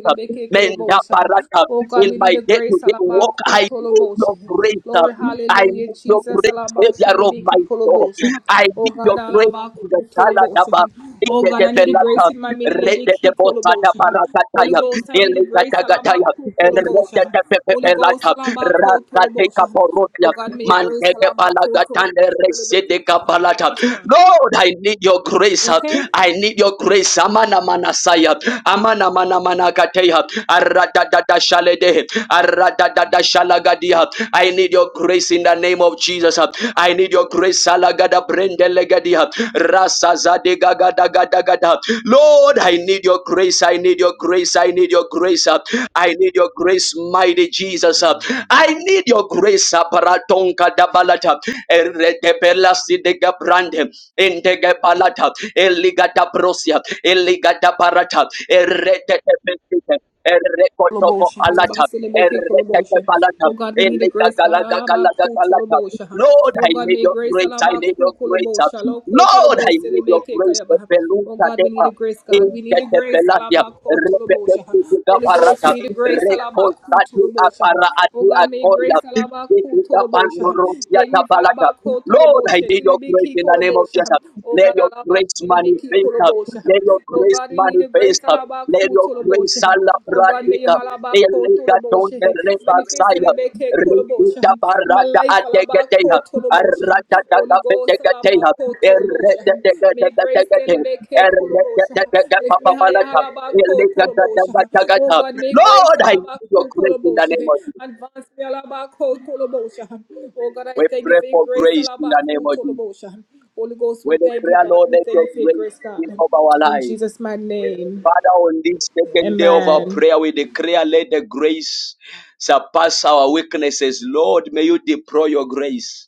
Speaker 1: Menda Barata
Speaker 5: Oh God,
Speaker 1: in
Speaker 5: we
Speaker 1: my
Speaker 5: need a
Speaker 1: day to
Speaker 5: grace.
Speaker 1: day walk. I need your
Speaker 5: Alabakutoloboshe.
Speaker 1: grace.
Speaker 5: Glory,
Speaker 1: I
Speaker 5: hallelujah,
Speaker 1: need your
Speaker 5: Jesus.
Speaker 1: grace, Savior of my soul.
Speaker 5: Alabashilibikikoloboshe.
Speaker 1: I
Speaker 5: Oh
Speaker 1: need
Speaker 5: God,
Speaker 1: your grace in the Saladaba.
Speaker 5: alabakutoloboshe.
Speaker 1: In
Speaker 5: Oh
Speaker 1: the
Speaker 5: God, I need a grace
Speaker 1: Debelata,
Speaker 5: in my
Speaker 1: Red de Bosada
Speaker 5: minilibikikoloboshe. Holy
Speaker 1: Paracataya,
Speaker 5: Ghost, I need a grace.
Speaker 1: Elizatagataya, and Red
Speaker 5: Alabakutoloboshe.
Speaker 1: de
Speaker 5: Holy Ghost,
Speaker 1: Pepelata, Rasateka
Speaker 5: alabakutoloboshe. Oh
Speaker 1: Porosia.
Speaker 5: God, may your grace.
Speaker 1: Manteke
Speaker 5: alabakutoloboshe.
Speaker 1: palagatande resede kapalata.
Speaker 5: What's wrong?
Speaker 1: Lord, I need your grace.
Speaker 5: You okay?
Speaker 1: I need your grace. Amana manasaya. Amana mana managateya. Arada Aradadada shalede. Aradadada shalagadia. I need your grace in the name of Jesus. I need your grace. Salagada brendelegadia. Rasa zade gagada gada da. Lord, I need your grace. I need your grace. I need your grace. I need your grace, mighty Jesus. I need your grace saparatonka dabalata eredebela sidega brande indege balata eligada brosia eligada barata eredebela Erekotobo
Speaker 5: Kolobosha,
Speaker 1: alata,
Speaker 5: Alabasilebeke
Speaker 1: erekeke
Speaker 5: Kolobosha. Oh God, we need a grace, God. Alabaku Tolobosha.
Speaker 1: Lord,
Speaker 5: Oh
Speaker 1: I
Speaker 5: God,
Speaker 1: need
Speaker 5: may
Speaker 1: your
Speaker 5: grace
Speaker 1: grace, I need
Speaker 5: Alabaku
Speaker 1: your grace.
Speaker 5: Kolobosha. Loko
Speaker 1: Lord, I need your
Speaker 5: Tolobosilebeke
Speaker 1: grace.
Speaker 5: Kayabaha. Oh
Speaker 1: Beluta
Speaker 5: God, we need
Speaker 1: deba,
Speaker 5: a grace, God. We need a
Speaker 1: ingete
Speaker 5: grace,
Speaker 1: belatia,
Speaker 5: Alabako Tolobosha. Holy Ghost,
Speaker 1: parata,
Speaker 5: we need a grace, Alabaku
Speaker 1: rekosati
Speaker 5: Tolobosha.
Speaker 1: apara
Speaker 5: Oh
Speaker 1: ati
Speaker 5: God, may grace,
Speaker 1: akoya. Lord,
Speaker 5: Alabaku Tolobosha. Take me for Alabako
Speaker 1: I
Speaker 5: Tolobosha.
Speaker 1: need your grace
Speaker 5: Tilibiki
Speaker 1: in the name of
Speaker 5: Kolobosha.
Speaker 1: Jesus.
Speaker 5: Oh
Speaker 1: Let
Speaker 5: God,
Speaker 1: your grace
Speaker 5: Alabashilibiki
Speaker 1: manifest. uh,
Speaker 5: Kolobosha.
Speaker 1: Let your
Speaker 5: Oh
Speaker 1: grace
Speaker 5: God, we need a grace,
Speaker 1: manifest. uh, Let
Speaker 5: Alabaku
Speaker 1: your
Speaker 5: Tolobosha.
Speaker 1: grace
Speaker 5: Oh God, may you
Speaker 1: salapradika.
Speaker 5: halabako
Speaker 1: Elega donde
Speaker 5: toloboshe.
Speaker 1: reba
Speaker 5: Manifest
Speaker 1: saya.
Speaker 5: elebeke koloboshe.
Speaker 1: Rekita
Speaker 5: In my
Speaker 1: barata
Speaker 5: life,
Speaker 1: ategeteha.
Speaker 5: halabako toloboshe.
Speaker 1: Arata
Speaker 5: Holy
Speaker 1: daga
Speaker 5: Ghost,
Speaker 1: petegeteha.
Speaker 5: halabako
Speaker 1: Errete
Speaker 5: toloboshe. May grace
Speaker 1: tegetegetegeteha.
Speaker 5: elebeke
Speaker 1: Errete
Speaker 5: koloboshe.
Speaker 1: tegeteha
Speaker 5: Lift me higher,
Speaker 1: papabalata.
Speaker 5: halabako
Speaker 1: Elega daga
Speaker 5: toloboshe. Oh
Speaker 1: tagata.
Speaker 5: God, may grace
Speaker 1: Lord, I need your
Speaker 5: halabako
Speaker 1: grace in the name
Speaker 5: koloboshe.
Speaker 1: of Jesus.
Speaker 5: Advance me halabako toloboshe. Oh God, I
Speaker 1: We
Speaker 5: thank you
Speaker 1: pray
Speaker 5: for your
Speaker 1: for
Speaker 5: grace
Speaker 1: grace in the name
Speaker 5: halabako
Speaker 1: of Jesus.
Speaker 5: toloboshe. Holy Ghost, we
Speaker 1: We
Speaker 5: thank you,
Speaker 1: pray,
Speaker 5: God.
Speaker 1: Lord,
Speaker 5: We
Speaker 1: let
Speaker 5: thank
Speaker 1: your
Speaker 5: you for your
Speaker 1: grace
Speaker 5: grace,
Speaker 1: be
Speaker 5: God.
Speaker 1: of our
Speaker 5: In
Speaker 1: lives.
Speaker 5: Jesus' mighty name,
Speaker 1: Father, on this second day of our
Speaker 5: amen.
Speaker 1: prayer, we declare, let the grace surpass our weaknesses. Lord, may you deploy your grace.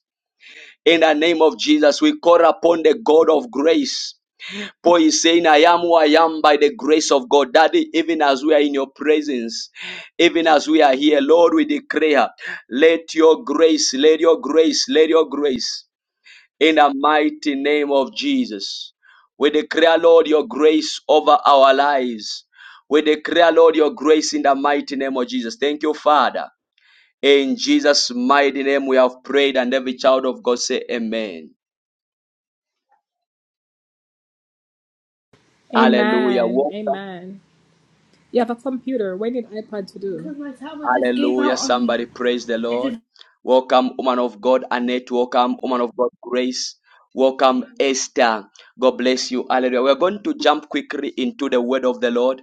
Speaker 1: In the name of Jesus, we call upon the God of grace. Paul is saying, I am who I am by the grace of God. Daddy, even as we are in your presence, even as we are here, Lord, we declare, let your grace, let your grace, let your grace. in the mighty name of Jesus. We declare, Lord, your grace over our lives. We declare, Lord, your grace in the mighty name of Jesus. Thank you, Father. In Jesus' mighty name, we have prayed, and every child of God say, Amen. Hallelujah.
Speaker 5: Amen.
Speaker 1: Welcome
Speaker 5: Amen. You have a computer. What did iPad to do? Because my tablet just gave
Speaker 1: Hallelujah.
Speaker 5: out on me.
Speaker 1: Somebody praise the
Speaker 5: It just
Speaker 1: Lord. Welcome, woman of God, Annette. Welcome, woman of God, Grace. Welcome,
Speaker 2: Amen.
Speaker 1: Esther. God bless you. Hallelujah. We're going to jump quickly into the word of the Lord.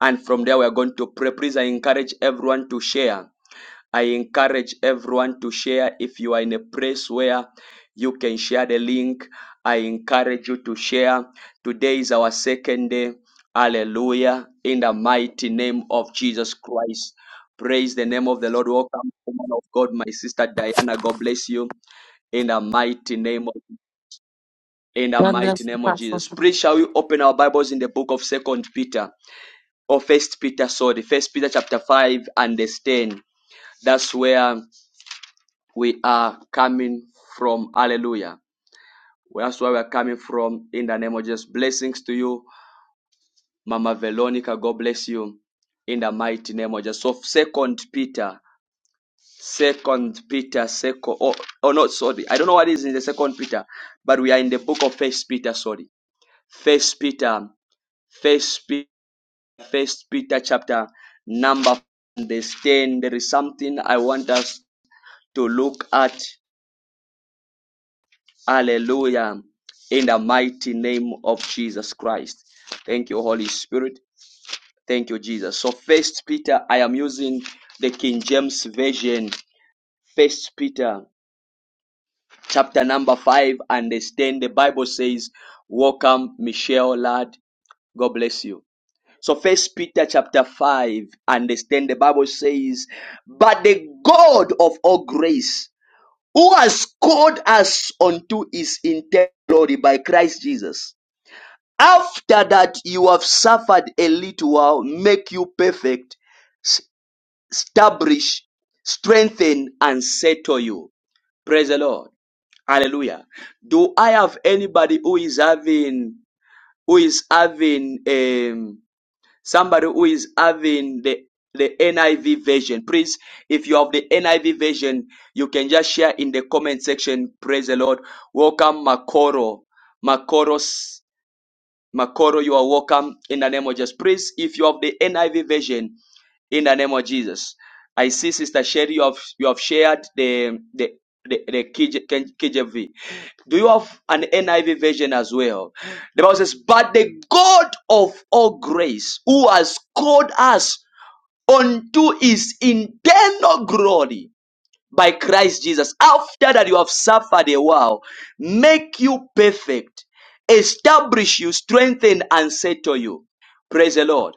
Speaker 1: And from there, we're going to pray. Please, I encourage everyone to share. I encourage everyone to share if you are in a place where you can share the link. I encourage you to share. Today is our second day. Hallelujah. In the mighty name of Jesus Christ. Praise the name of the Lord. Welcome, woman of God, my sister Diana. God bless you. In the mighty name of in the
Speaker 7: God
Speaker 1: mighty
Speaker 7: bless the
Speaker 1: name of
Speaker 7: pastor.
Speaker 1: Jesus. Please shall we open our Bibles in the book of Second Peter or First Peter, sorry, First Peter chapter 5 and verse 10. That's where we are coming from. Hallelujah. Well, That's where we are coming from in the name of Jesus. Blessings to you, Mama Veronica. God bless you in the mighty name of Jesus. So, Second Peter, Second Peter, Second. Oh, oh, not sorry. I don't know what is in the Second Peter, but we are in the book of First Peter. Sorry, First Peter, First Peter, First Peter, chapter number. Understand. There is something I want us to look at Hallelujah. In the mighty name of Jesus Christ. Thank you, Holy Spirit. Thank you, Jesus. So first Peter, I am using the King James Version. First Peter chapter number five, understand the Bible says, Welcome, Michelle Lad. God bless you. So first Peter chapter five, understand the Bible says, But the God of all grace, who has called us unto his eternal glory by Christ Jesus After that you have suffered a little while, make you perfect, s- establish, strengthen, and settle you. Praise the Lord. Hallelujah. Do I have anybody who is having who is having um somebody who is having the the NIV version? Please, if you have the NIV version, you can just share in the comment section. Praise the Lord. Welcome Makoro. Makoros Makoro, you are welcome in the name of Jesus. Praise if you have the NIV version in the name of Jesus. I see Sister Sherry, you have, you have shared the, the, the, the KJV. Do you have an NIV version as well? The Bible says, But the God of all grace, who has called us unto his internal glory by Christ Jesus. After that you have suffered a while, make you perfect, establish you, strengthen and settle you. Praise the Lord.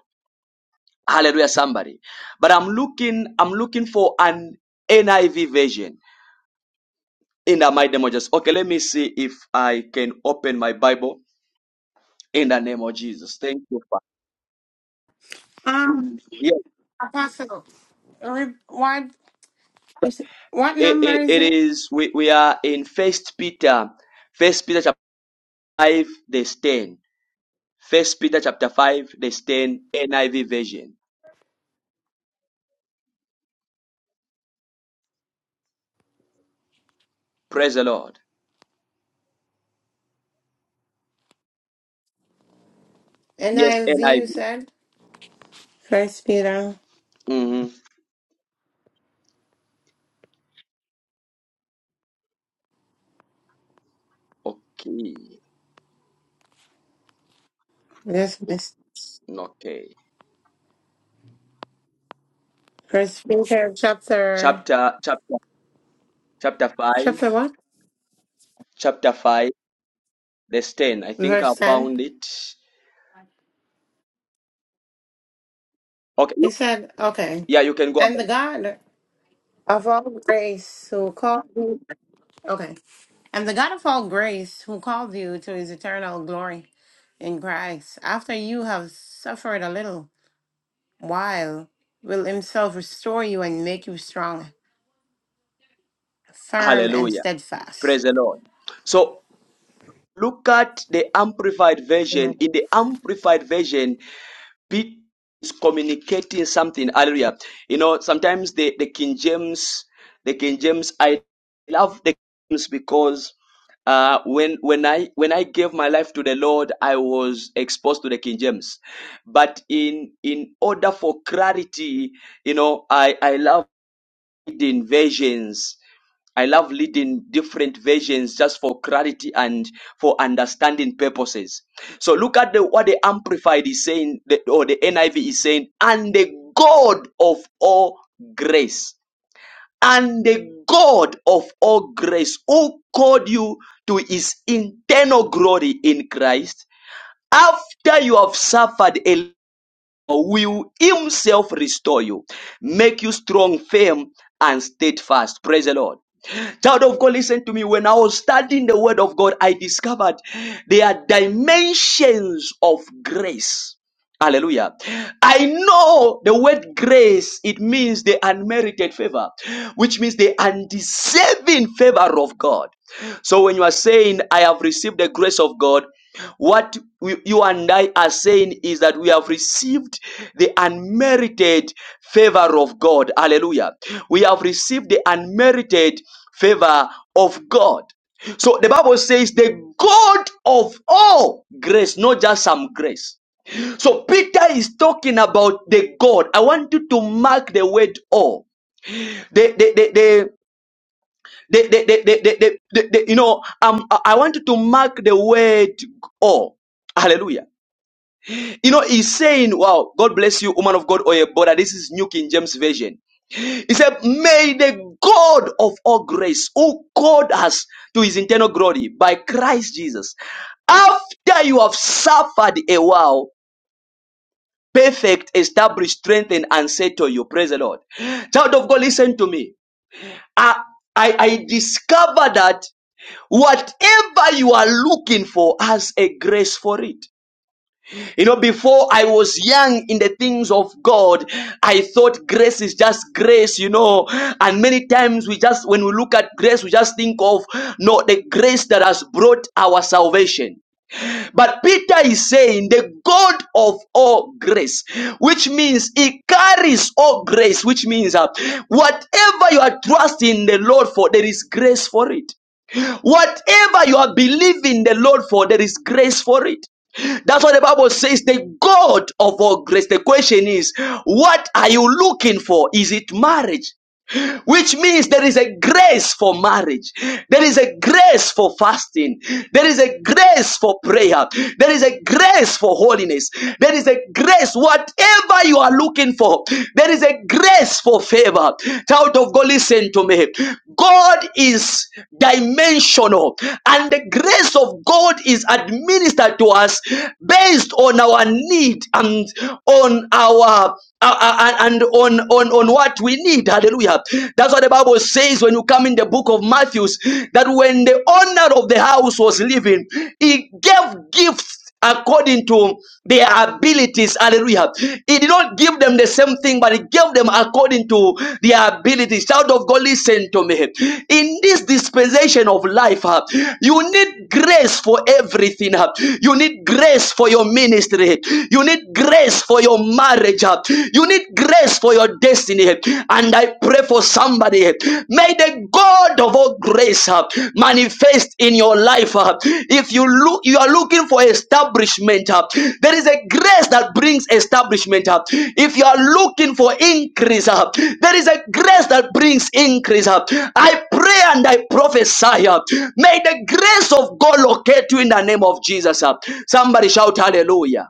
Speaker 1: Hallelujah, somebody. But I'm looking, I'm looking for an NIV version in the mighty name of Jesus. Okay, let me see if I can open my Bible in the name of Jesus. Thank you, Father.
Speaker 7: Um,
Speaker 1: Yes,
Speaker 7: Apostle, re- what is it- what
Speaker 1: it,
Speaker 7: number
Speaker 1: it,
Speaker 7: is
Speaker 1: it
Speaker 7: it?
Speaker 1: is. We, we are in First Peter, First Peter chapter five, verse ten. First Peter chapter 5, verse 10, NIV version. Praise the Lord. Yes,
Speaker 7: NIV,
Speaker 1: NIV.
Speaker 7: you said. First Peter.
Speaker 1: hmm Okay.
Speaker 7: Yes, miss.
Speaker 1: Okay.
Speaker 7: First Peter, chapter
Speaker 1: Chapter chapter chapter 5,
Speaker 7: chapter what?
Speaker 1: chapter 5, verse 10. I think I
Speaker 7: Verse ten.
Speaker 1: found it. Okay.
Speaker 7: He
Speaker 1: you-
Speaker 7: said, "Okay,
Speaker 1: Yeah, you can go.
Speaker 7: and
Speaker 1: ahead.
Speaker 7: the God of all grace who called you, okay, and the God of all grace who called you to His eternal glory in Christ, after you have suffered a little." while will himself restore you and make you strong, firm, and
Speaker 1: Hallelujah.
Speaker 7: steadfast.
Speaker 1: Praise the Lord. So look at the amplified version.
Speaker 7: Amen.
Speaker 1: In the amplified version, be communicating something. Hallelujah. You know, sometimes the, the King James, the King James, I love the King James because uh, when when I when I gave my life to the Lord, I was exposed to the King James. But in in order for clarity, you know, I I love leading versions. I love leading different versions just for clarity and for understanding purposes. So look at the, what the Amplified is saying, the- or the NIV is saying, and the God of all grace, and the God of all grace who called you to his internal glory in Christ after you have suffered a will himself restore you, make you strong, firm, and steadfast. Praise the Lord. Child of God, listen to me. When I was studying the Word of God, I discovered there are dimensions of grace. Hallelujah. I know the word grace, it means the unmerited favor, which means the undeserving favor of God. So when you are saying, I have received the grace of God, what we- you and I are saying is that we have received the unmerited favor of God. Hallelujah. We have received the unmerited favor of God. So the Bible says, the God of all grace, not just some grace. So Peter is talking about the God. I want you to mark the word all. The, the, the, the, the, the, the, the, the, the, the- you know, um, I I want you to mark the word all. Hallelujah. You know, he's saying, wow, God bless you, woman of God, or brother. This is New King James Version. He said, may the God of all grace, who called us to his internal glory by Christ Jesus, after you have suffered a while, perfect, establish, strengthen, and settle you. Praise the Lord. Child of God, listen to me. I, I, I discover that whatever you are looking for has a grace for it. You know, before I was young in the things of God, I thought grace is just grace, you know. And many times we just, when we look at grace, we just think of, no, the grace that has brought our salvation. But Peter is saying the God of all grace, which means he carries all grace, which means uh, whatever you are trusting the Lord for, there is grace for it. Whatever you are believing the Lord for, there is grace for it. That's what the Bible says, the God of all grace. The question is, what are you looking for? Is it marriage? which means there is a grace for marriage. There is a grace for fasting. There is a grace for prayer. There is a grace for holiness. There is a grace, whatever you are looking for. There is a grace for favor. Child of God, listen to me. God is dimensional, and the grace of God is administered to us based on our need and on our uh, uh, and on, on on what we need hallelujah that's what the bible says when you come in the book of Matthew, that when the owner of the house was living he gave gifts according to their abilities hallelujah he did not give them the same thing but he gave them according to their abilities child of god listen to me in this dispensation of life uh, you need grace for everything uh. you need grace for your ministry you need grace for your marriage. uh. You need grace for your destiny. And I pray for somebody. May the God of all grace uh, manifest in your life. uh. If you look, you are looking for establishment. uh, There is a grace that brings establishment. uh. If you are looking for increase, uh, there is a grace that brings increase. uh. I pray and I prophesy. uh, May the grace of God locate you in the name of Jesus. uh. Somebody shout hallelujah.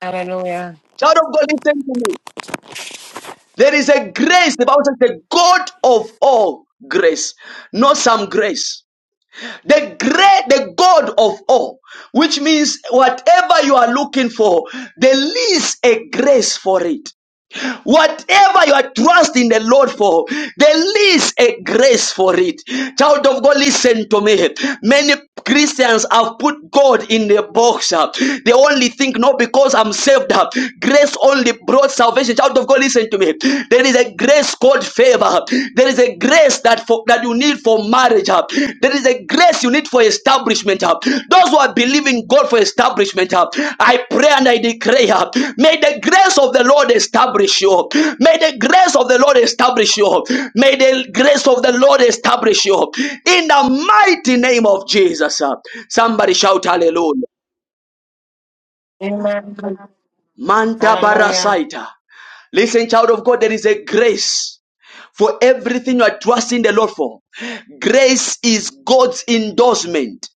Speaker 7: Hallelujah.
Speaker 1: Shout of God, listen to me. There is a grace. The Bible says the God of all grace, not some grace. The great, the God of all, which means whatever you are looking for, there is a grace for it. Whatever you are trusting the Lord for, there is a grace for it. Child of God, listen to me. Many Christians have put God in the box. uh, They only think, no, because I'm saved. uh, Grace only brought salvation. Child of God, listen to me. There is a grace called favor. There is a grace that for, that you need for marriage. huh? There is a grace you need for establishment. huh? Those who are believing God for establishment, huh? I pray and I declare, huh? may the grace of the Lord establish you. May the grace of the Lord establish you. May the grace of the Lord establish you. In the mighty name of Jesus. huh? Somebody shout hallelujah.
Speaker 7: Amen.
Speaker 1: Manta
Speaker 7: Hallelujah.
Speaker 1: barasaita. Listen, child of God, there is a grace. for everything you are trusting the Lord for. Grace is God's endorsement.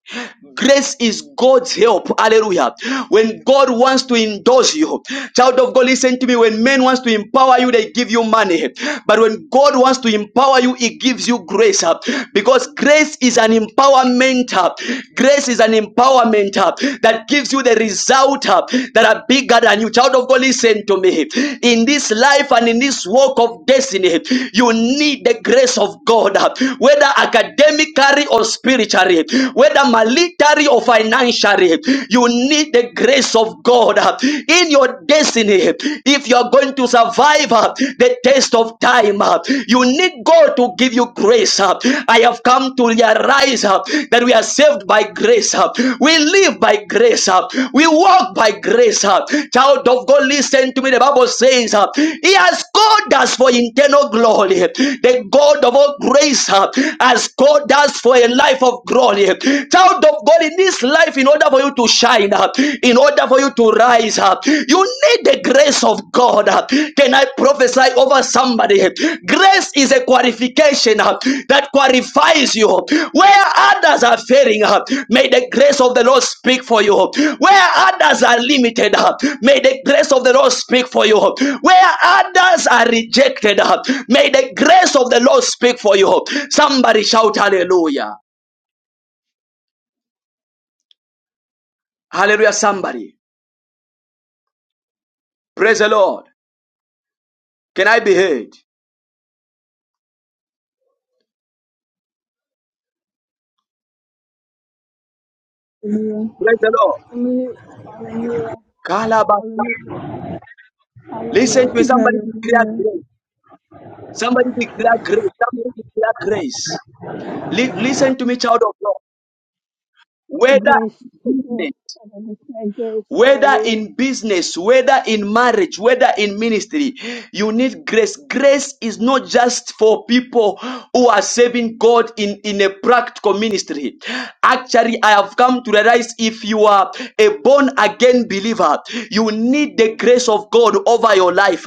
Speaker 1: Grace is God's help. Hallelujah. When God wants to endorse you, child of God, listen to me. When men wants to empower you, they give you money. But when God wants to empower you, He gives you grace. uh, Because grace is an empowerment. uh, Grace is an empowerment uh, that gives you the result out uh, that are bigger than you. Child of God, listen to me. In this life and in this walk of destiny, you need the grace of God, uh, whether academically or spiritually, whether military or financially, you need the grace of God uh, in your destiny. If you are going to survive uh, the test of time, uh, you need God to give you grace grace. uh, I have come to realize uh, that we are saved by grace. uh, We live by grace. uh, We walk by grace. uh. Child of God, listen to me. The Bible says uh, He has called us for internal glory. The God of all grace uh, has called us for a life of glory. Child of God, in this life, in order for you to shine uh, in order for you to rise uh, you need the grace of God. Can I prophesy over somebody? Grace is a qualification uh, that qualifies you. Where others are failing, uh, may the grace of the Lord speak for you. Where others are limited, uh, may the grace of the Lord speak for you. Where others are rejected, uh, may the grace of the Lord speak for you. Somebody shout hallelujah. Hallelujah, somebody. Praise the Lord. Can I be heard?
Speaker 8: Hallelujah.
Speaker 1: Praise the
Speaker 4: Hallelujah, hallelujah,
Speaker 1: Lord.
Speaker 4: hallelujah,
Speaker 1: Listen to me.
Speaker 4: hallelujah.
Speaker 1: Somebody declare
Speaker 8: Hallelujah.
Speaker 1: grace. Somebody declare grace. Somebody declare grace. Li- listen to me, child of God. Whether
Speaker 4: Grace,
Speaker 1: in
Speaker 4: grace,
Speaker 1: business,
Speaker 4: and grace, grace,
Speaker 1: whether
Speaker 4: hallelujah.
Speaker 1: in business, whether in marriage, whether in ministry, you need grace. Grace is not just for people who are serving God in, in a practical ministry. Actually, I have come to realize if you are a born again believer, you need the grace of God over your life.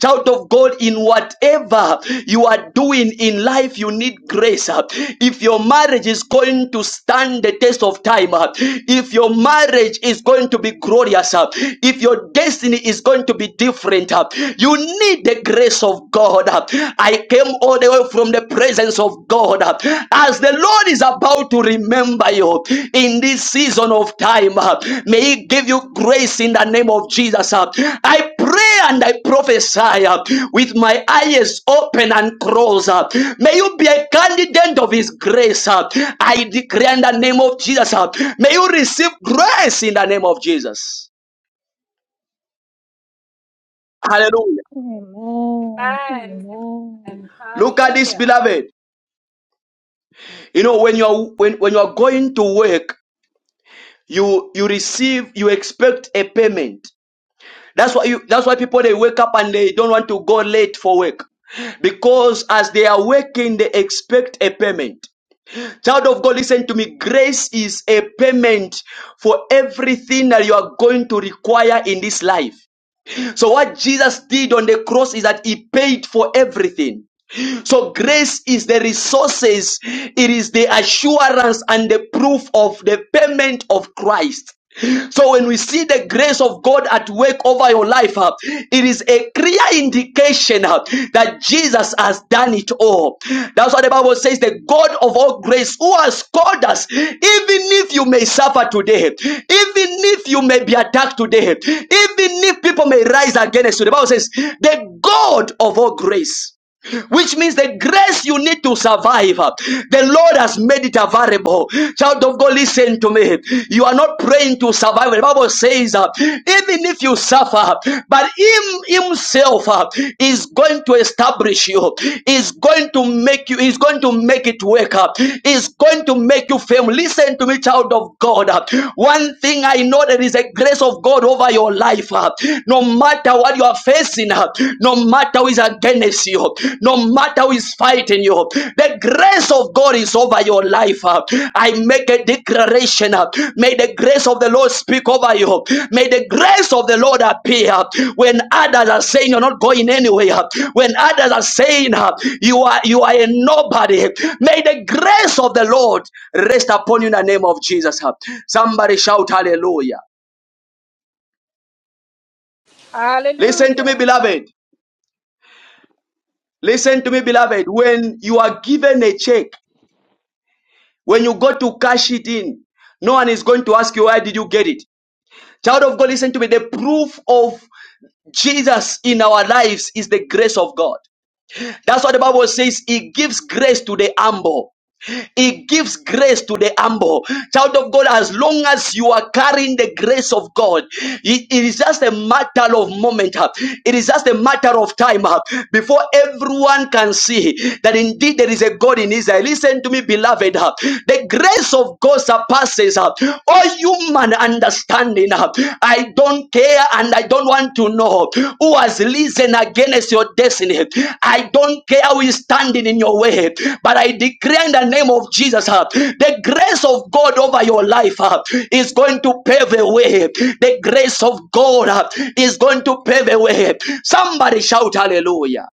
Speaker 1: Child of God, In in whatever you are doing in life, you need grace. uh. If your marriage is going to stand the test of time, uh, if your marriage is going to be glorious, uh, if your destiny is going to be different, uh, you need the grace of God. uh. I came all the way from the presence of God. uh, As the Lord is about to remember you in this season of time, uh, may He give you grace in the name of Jesus. uh. I pray and I prophesy uh, with my eyes open and closed. uh, May you be a candidate of His grace. uh, I declare in the name of Jesus. uh, May you receive grace in the name of Jesus. Hallelujah.
Speaker 4: Amen,
Speaker 5: Amen. Amen.
Speaker 4: amen.
Speaker 1: Look at this,
Speaker 5: Hallelujah.
Speaker 1: beloved. You know, when you are when, when you are going to work, you you receive, you expect a payment. That's why you that's why people they wake up and they don't want to go late for work. Because as they are working, they expect a payment. Child of God, listen to me. Grace is a payment for everything that you are going to require in this life. So, what Jesus did on the cross is that He paid for everything. So grace is the resources, it is the assurance and the proof of the payment of Christ. So when we see the grace of God at work over your life, uh, it is a clear indication uh, that Jesus has done it all. That's what the Bible says, the God of all grace who has called us, even if you may suffer today, even if you may be attacked today, even if people may rise against you. The Bible says, the God of all grace which means the grace you need to survive, uh, the Lord has made it available. Child of God, listen to me. You are not praying to survive. The Bible says, uh, even if you suffer, but Him Himself uh, is going to establish you, is going to make you, is going to make it work. up is going to make you famous. Listen to me, child of God. One thing I know there is a grace of God over your life. uh, No matter what you are facing, uh, no matter who is against you, no matter who is fighting you, the grace of God is over your life. uh. I make a declaration generation. May the grace of the Lord speak over you. May the grace of the Lord appear when others are saying you're not going anywhere. When others are saying uh, you are you are a nobody. May the grace of the Lord rest upon you in the name of Jesus. Somebody shout hallelujah. Listen to me,
Speaker 5: Hallelujah.
Speaker 1: beloved. Listen to me, beloved. When you are given a check, when you go to cash it in, no one is going to ask you where did you get it. Child of God, listen to me. The proof of Jesus in our lives is the grace of God. That's what the Bible says. He gives grace to the humble. He gives grace to the humble. Child of God, as long as you are carrying the grace of God, it it is just a matter of moment. uh, It is just a matter of time uh, before everyone can see that indeed there is a God in Israel. Listen to me, beloved. uh, The grace of God surpasses uh, all human understanding. uh, I don't care and I don't want to know who has risen against your destiny. I don't care who is standing in your way, but I declare in the name of Jesus uh, the grace of God over your life uh, is going to pave a way. The grace of God uh, is going to pave a way. Somebody shout hallelujah.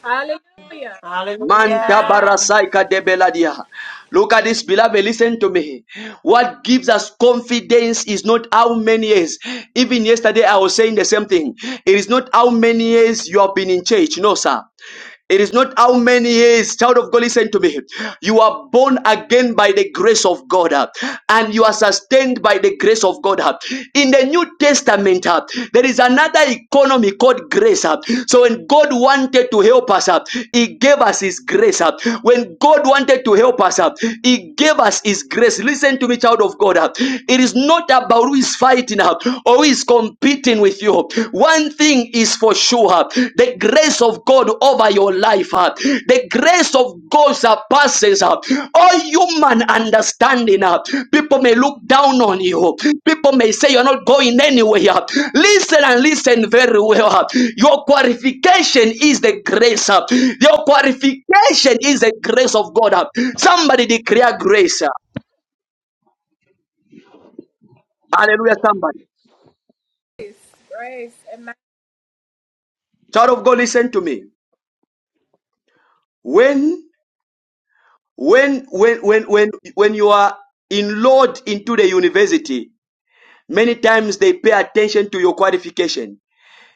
Speaker 5: Hallelujah.
Speaker 1: Manta
Speaker 5: Amen.
Speaker 7: Hallelujah.
Speaker 1: barasaika de beladia. Look at this, beloved. Listen to me. What gives us confidence is not how many years. Even yesterday, I was saying the same thing. It is not how many years you have been in church. No, sir. It is not how many years, child of God, listen to me. You are born again by the grace of God, uh, and you are sustained by the grace of God. uh. In the New Testament, uh, there is another economy called grace. uh. So when God wanted to help us, uh, He gave us His grace. uh. When God wanted to help us, uh, He gave us His grace. Listen to me, child of God. uh. It is not about who is fighting uh, or who is competing with you. One thing is for sure: uh, the grace of God over your life. uh, The grace of God surpasses uh, all human understanding. uh, People may look down on you. People may say you're not going anywhere. uh, Listen and listen very well. uh, Your qualification is the grace. uh, Your qualification is the grace of God. uh, Somebody declare grace. uh, Hallelujah, somebody.
Speaker 5: Grace. Grace. Amen.
Speaker 1: Child of God, listen to me. When when when when when when you are enrolled into the university, Many times they pay attention to your qualification.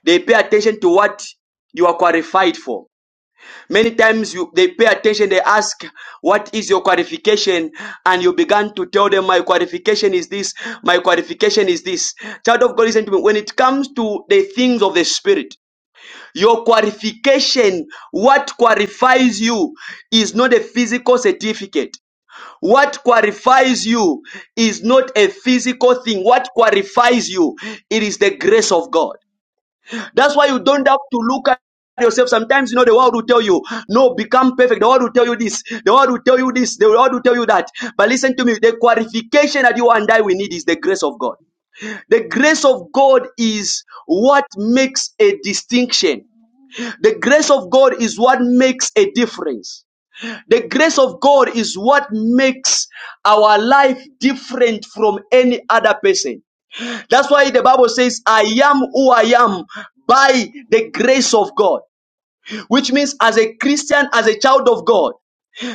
Speaker 1: They pay attention to what you are qualified for. Many times you, they pay attention, they ask, What is your qualification? And you begin to tell them, My qualification is this, my qualification is this. Child of God, listen to me. When it comes to the things of the Spirit, your qualification, what qualifies you, is not a physical certificate. What qualifies you is not a physical thing. What qualifies you, it is the grace of God. That's why you don't have to look at yourself. Sometimes you know the world will tell you, no, become perfect. The world will tell you this. The world will tell you this. The world will tell you that. But listen to me. The qualification that you and I we need is the grace of God. The grace of God is what makes a distinction. The grace of God is what makes a difference. The grace of God is what makes our life different from any other person. That's why the Bible says, I am who I am by the grace of God, which means as a Christian, as a child of God.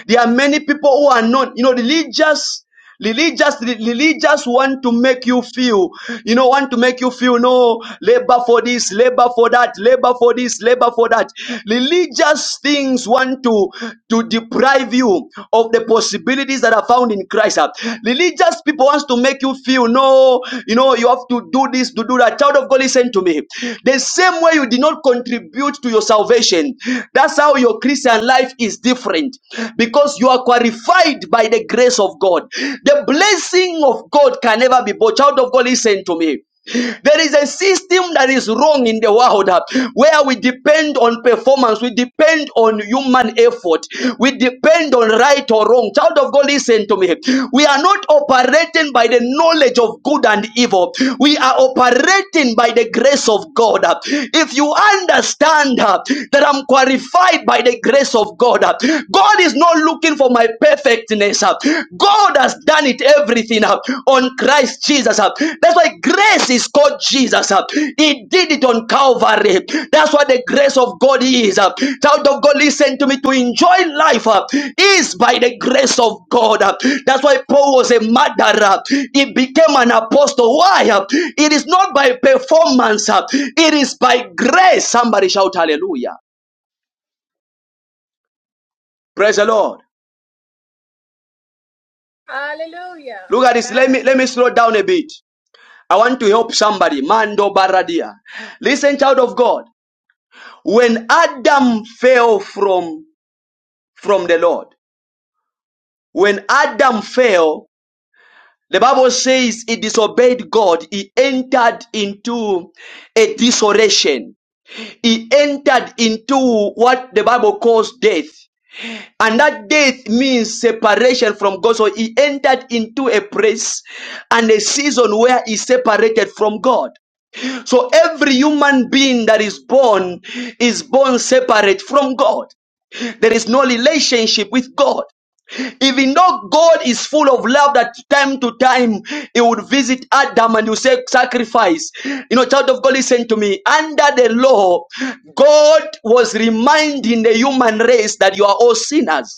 Speaker 1: There are many people who are not, you know, religious. Religious, religious want to make you feel, you know, want to make you feel no labor for this, labor for that, labor for this, labor for that. Religious things want to to deprive you of the possibilities that are found in Christ. Religious people wants to make you feel no, you know, you have to do this, to do that. Child of God, listen to me. The same way you did not contribute to your salvation, that's how your Christian life is is different because you are qualified by the grace of God. The blessing of God can never be bought. Child of God, listen to me. There is a system that is wrong in the world uh, where we depend on performance, we depend on human effort, we depend on right or wrong. Child of God, listen to me. We are not operating by the knowledge of good and evil, we are operating by the grace of God. uh. If you understand uh, that I'm qualified by the grace of God. uh. God is not looking for my perfectness. uh. God has done it everything uh, on Christ Jesus. uh. That's why grace is called Jesus. uh. He did it on Calvary. That's what the grace of God is. uh. Child of God, listen to me. To enjoy life uh, is by the grace of God. uh. That's why Paul was a murderer. He became an apostle. Why? uh? It is not by performance. uh. It is by grace. Somebody shout hallelujah. Praise the Lord.
Speaker 5: Hallelujah.
Speaker 1: Look at this. Let me let me slow down a bit. I want to help somebody. Mando Baradia. Listen, child of God. When Adam fell from from the Lord, when Adam fell, the Bible says he disobeyed God. He entered into a dishoration. He entered into what the Bible calls death. And that death means separation from God. So he entered into a place and a season where he separated from God. So every human being that is born is born separate from God. There is no relationship with God. Even though God is full of love that time to time he would visit Adam and he would say sacrifice. You know, child of God, listen to me. Under the law, God was reminding the human race that you are all sinners.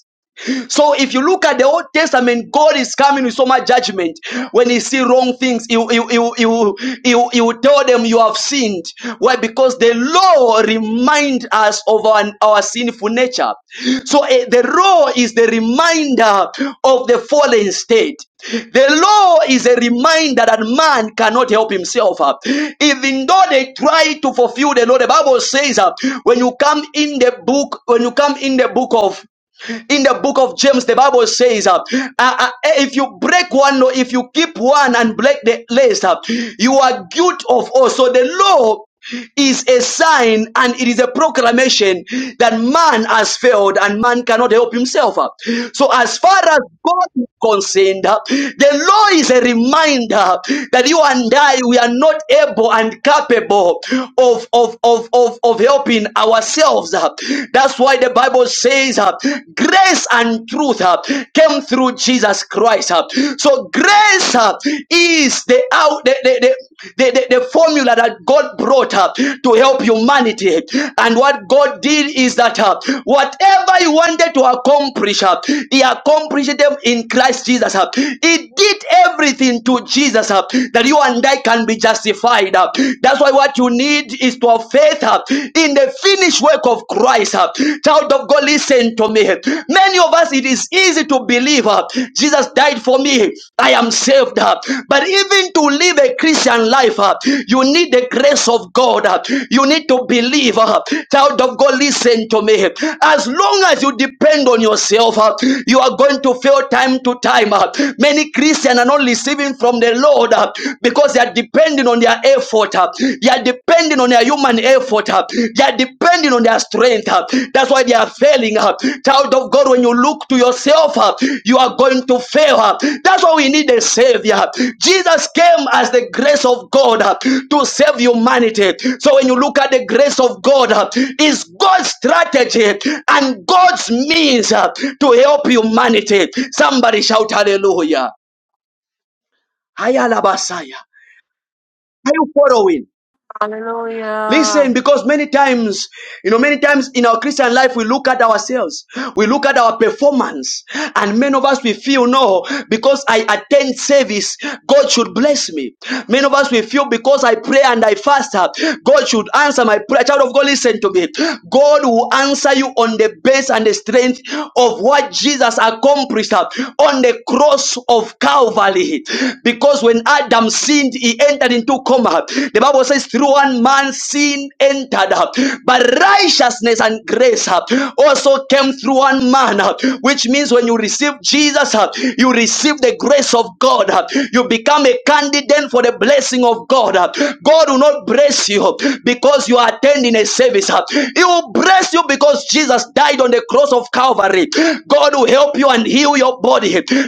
Speaker 1: So if you look at the Old Testament, God is coming with so much judgment. When he see wrong things, he, will- he, will- he, he, he, he will tell them you have sinned. Why? Because the law remind us of our, our sinful nature. So eh, the law is the reminder of the fallen state. The law is a reminder that man cannot help himself. uh, Even though they try to fulfill the law, the Bible says uh, when you come in the book, when you come in the book of in the book of James, the Bible says, uh, uh, uh, if you break one law, if you keep one and break the rest, uh, you are guilty of all. So the law is a sign and it is a proclamation that man has failed and man cannot help himself. uh. So as far as God is concerned, uh, the law is a reminder that you and I, we are not able and capable of, of, of, of, of helping ourselves ourselves. uh. That's why the Bible says uh, grace and truth uh, came through Jesus Christ. uh. So grace uh, is the out the, the, the the, the, formula that God brought up to help humanity. And what God did is that uh, whatever He wanted to accomplish, uh, He accomplished them in Christ Jesus. Uh, he did everything to Jesus uh, that you and I can be justified. Uh, that's why what you you need is to have faith uh, in the finished work of Christ. uh. Child of God, listen to me. Many of us, it is easy to believe uh, Jesus died for me. I am saved. uh. But even to live a Christian life, uh, you need the grace of God. uh. You need to believe. uh. Child of God, listen to me. As long as you depend on yourself, uh, you are going to fail time to time. uh. Many Christians are not receiving from the Lord uh, because because they are depending on their effort. uh, They are depending on their human effort. uh, They are depending on their strength. uh, That's why they are failing. uh. Child of God, when you look to yourself, uh, you are going to fail. uh. That's why we need a savior. Jesus came as the grace of God uh, to save humanity. So when you look at the grace of God, uh, is God's strategy and God's means uh, to help humanity. Somebody shout hallelujah. Ayalabasaya. Are you following? Listen,
Speaker 7: Hallelujah.
Speaker 1: because many times, you know, many times in our Christian life, we look at ourselves, we look at our performance, and many of us we feel, no, because I attend service, God should bless me. Many of us we feel because I pray and I fast, uh, God should answer my prayer. Child of God, listen to me. God will answer you on the base and the strength of what Jesus accomplished uh, on the cross of Calvary. Because when Adam Adam sinned, he entered into coma. The Bible says, through one man sin entered, but righteousness and grace uh, also came through one man, uh, which means when you receive Jesus, uh, you receive the grace of God. uh, You become a candidate for the blessing of God. uh, God will not bless you because you are attending a service. uh, He will bless you because Jesus died on the cross of Calvary. God will help you and heal your body.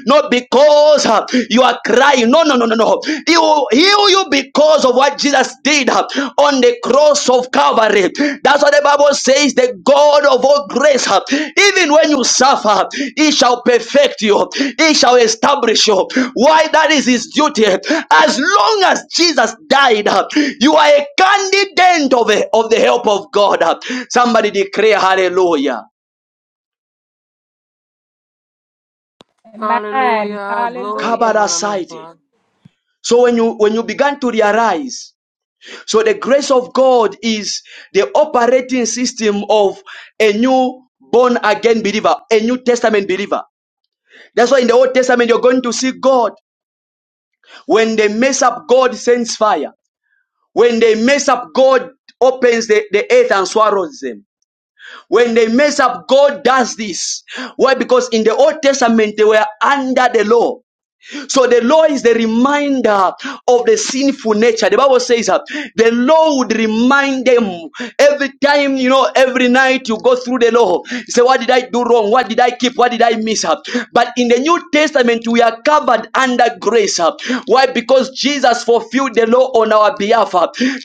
Speaker 1: Not because uh, you are crying. No, no, no, no, no. He will heal you because of what Jesus did uh, on the cross of Calvary. That's what the Bible says the God of all grace, uh, even when you suffer, He shall perfect you, He shall establish you. Why? That is His duty. As long as Jesus died, uh, you are a candidate of, a, of the help of God. Uh. Somebody declare hallelujah.
Speaker 5: Amen.
Speaker 7: Hallelujah. Glory to the
Speaker 5: Hallelujah.
Speaker 1: Kabara
Speaker 7: Lamb of
Speaker 1: Saite.
Speaker 7: God.
Speaker 1: So when you when you began to realize, so the grace of God is the operating system of a new born again believer, a new testament believer. That's why in the Old Testament you're going to see God. When they mess up, God sends fire. When they mess up, God opens the, the earth and swallows them. When they mess up, God does this. Why? Because in the Old Testament they were under the law. So the law is the reminder of the sinful nature. The Bible says that the law would remind them every time, you know, every night you go through the law. You say, What did I do wrong? What did I keep? What did I miss? But in the New Testament, we are covered under grace. Why? Because Jesus fulfilled the law on our behalf.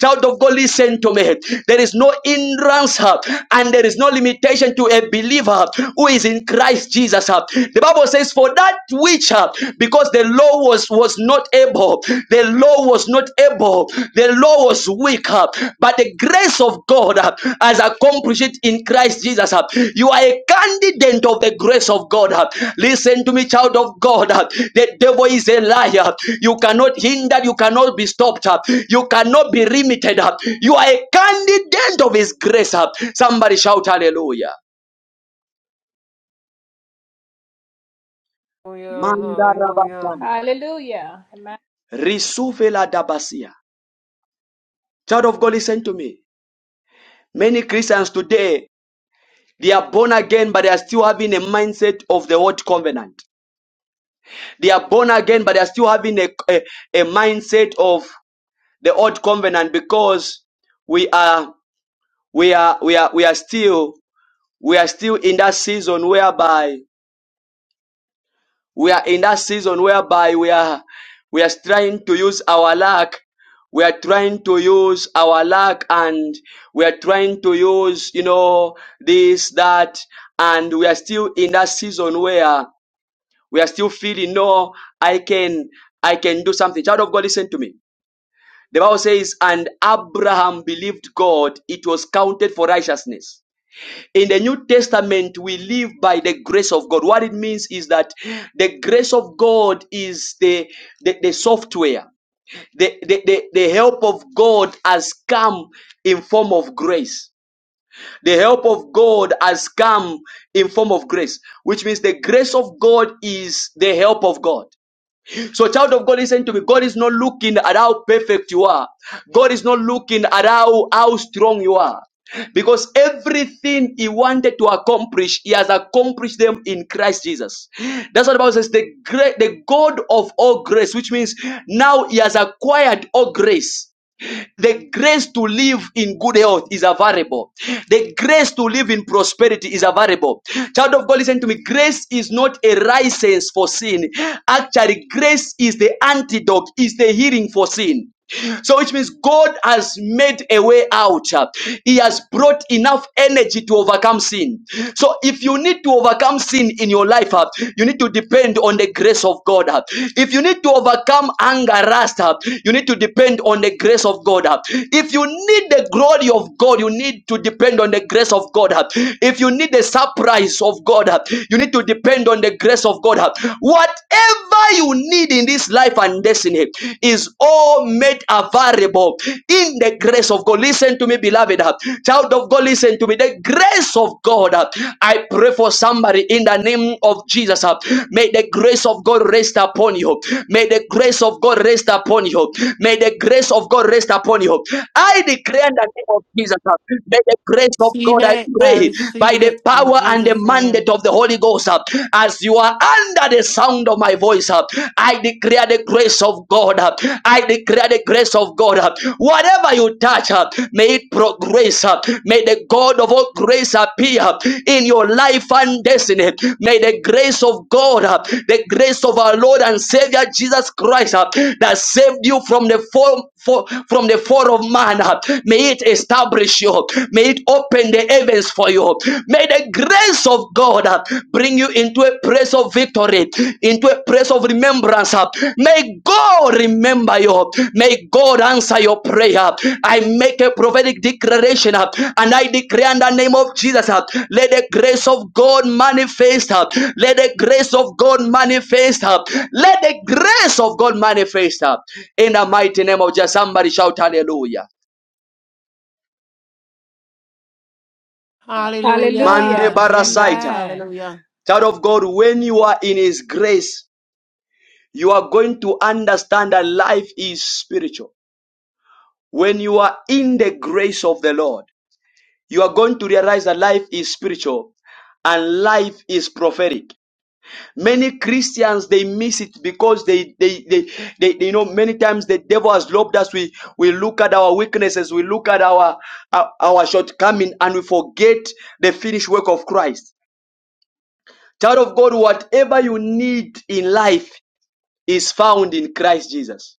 Speaker 1: Child of God, listen to me. There is no hindrance and there is no limitation to a believer who is in Christ Jesus. The Bible says, For that which, uh, because the law was, was not able, the law was not able, the law was weak, uh, but the grace of God uh, has accomplished it in Christ Jesus. uh. You are a candidate of the grace of God. uh. Listen to me, child of God. uh. The devil is a liar. You cannot hinder, you cannot be stopped, uh. you cannot be limited. uh. You are a candidate of his grace. uh. Somebody shout hallelujah.
Speaker 7: Hallelujah. Hallelujah.
Speaker 5: Hallelujah. Amen.
Speaker 1: Risuvela dabasia. Child of God, listen to me. Many Christians today, they are born again, but they are still having a mindset of the old covenant. They are born again, but they are still having a, a, a mindset of the old covenant because we are we are we are we are still we are still in that season whereby We are in that season whereby we are we are trying to use our luck. We are trying to use our luck and we are trying to use, you know, this, that, and we are still in that season where we are still feeling, no, I can, I can do something. Child of God, listen to me. The Bible says, and Abraham believed God, it was counted for righteousness. In the New Testament, we live by the grace of God. What it means is that the grace of God is the, the, the software. The, the, the, the help of God has come in form of grace. The help of God has come in form of grace, which means the grace of God is the help of God. So, child of God, listen to me. God is not looking at how perfect you are. God is not looking at how, how strong you are. Because everything he wanted to accomplish, he has accomplished them in Christ Jesus. That's what the Bible says, the great the God of all grace, which means now he has acquired all grace. The grace to live in good health is available. The grace to live in prosperity is available. Child of God, listen to me. Grace is not a license for sin. Actually, grace is the antidote, is the healing for sin. So, which means God has made a way out. He has brought enough energy to overcome sin. So, if you need to overcome sin in your life, uh, you need to depend on the grace of God. uh. If you need to overcome anger, lust, uh, you need to depend on the grace of God. If you need the glory of God, you need to depend on the grace of God. If you need the surprise of God, you need to depend on the grace of God. Whatever you need in this life and destiny is all made available in the grace of God. Listen to me, beloved. Child of God, listen to me. The grace of God. I pray for somebody in the name of Jesus. May the grace of God rest upon you. May the grace of God rest upon you. May the the grace of God rest upon you. I declare in the name of Jesus, uh, may the grace of
Speaker 7: Receive
Speaker 1: God, I
Speaker 7: it. I
Speaker 1: pray, by
Speaker 7: receive
Speaker 1: the
Speaker 7: it in
Speaker 1: power and the
Speaker 7: Jesus'
Speaker 1: mandate
Speaker 7: name.
Speaker 1: of the Holy Ghost, uh, as you are under the sound of my voice, uh, I declare the grace of God. uh, I declare the grace of God. uh, Whatever you touch, uh, may it progress. uh, May the God of all grace appear uh, in your life and destiny. May the grace of God, uh, the grace of our Lord and Savior Jesus Christ, uh, that saved you from from the fall, fall- from the fall of man. May it establish you. May it open the heavens for you. May the grace of God uh, bring you into a place of victory, into a place of remembrance. uh. May God remember you. May God answer your prayer. I make a prophetic declaration uh, and I declare in the name of Jesus. uh, Let the grace of God manifest. uh. Let the grace of God manifest. uh. Let the grace of God manifest. In the mighty name of Jesus, somebody shout hallelujah. Mande
Speaker 7: Hallelujah.
Speaker 5: Hallelujah.
Speaker 7: Jesus.
Speaker 1: Barasaita.
Speaker 5: Amen.
Speaker 7: Hallelujah.
Speaker 1: Child of God, when you are in His grace, you are going to understand that life is spiritual. When you are in the grace of the Lord, you are going to realize that life is spiritual and life is prophetic. Many Christians they miss it because they they they, they, they- you know many times the devil has robbed us. We we look at our weaknesses, we look at our our, our shortcoming, and we forget the finished work of Christ. Child of God, whatever you need in life is found in Christ Jesus.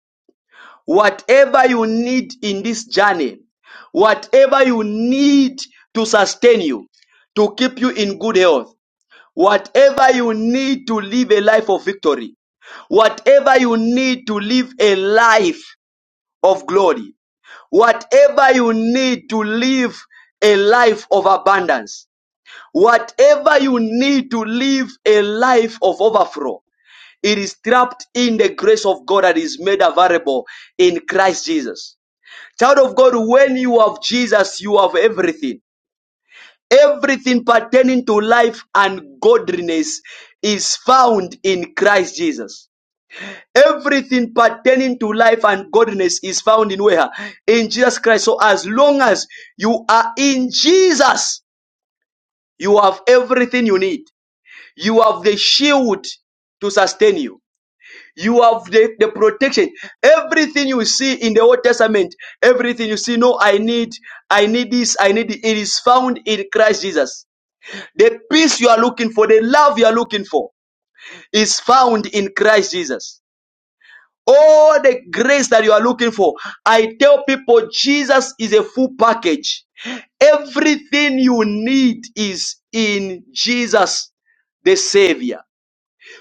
Speaker 1: Whatever you need in this journey, whatever you need to sustain you, to keep you in good health, Whatever you need to live a life of victory, whatever you need to live a life of glory, whatever you need to live a life of abundance, whatever you need to live a life of overflow, it is trapped in the grace of God that is made available in Christ Jesus. Child of God, when you have Jesus, you have everything. Everything pertaining to life and godliness is found in Christ Jesus. Everything pertaining to life and godliness is found in where? In Jesus Christ. So as long as you are in Jesus, you have everything you need. You have the shield to sustain you. You have the, the protection. Everything you see in the Old Testament, everything you see, no, I need, I need this, I need it. It is found in Christ Jesus. The peace you are looking for, the love you are looking for, is found in Christ Jesus. All the grace that you are looking for, I tell people Jesus is a full package. Everything you need is in Jesus, the Savior.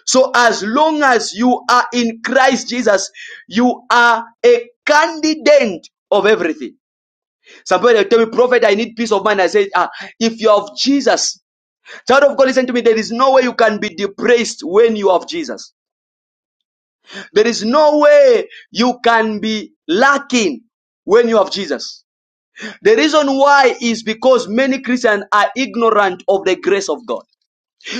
Speaker 1: So as long as you are in Christ Jesus, you are a candidate of everything. Somebody will tell me, Prophet, I need peace of mind. I say, ah, if you have Jesus, Child of God, listen to me. There is no way you can be depressed when you have Jesus. There is no way you can be lacking when you have Jesus. The reason why is because many Christians are ignorant of the grace of God.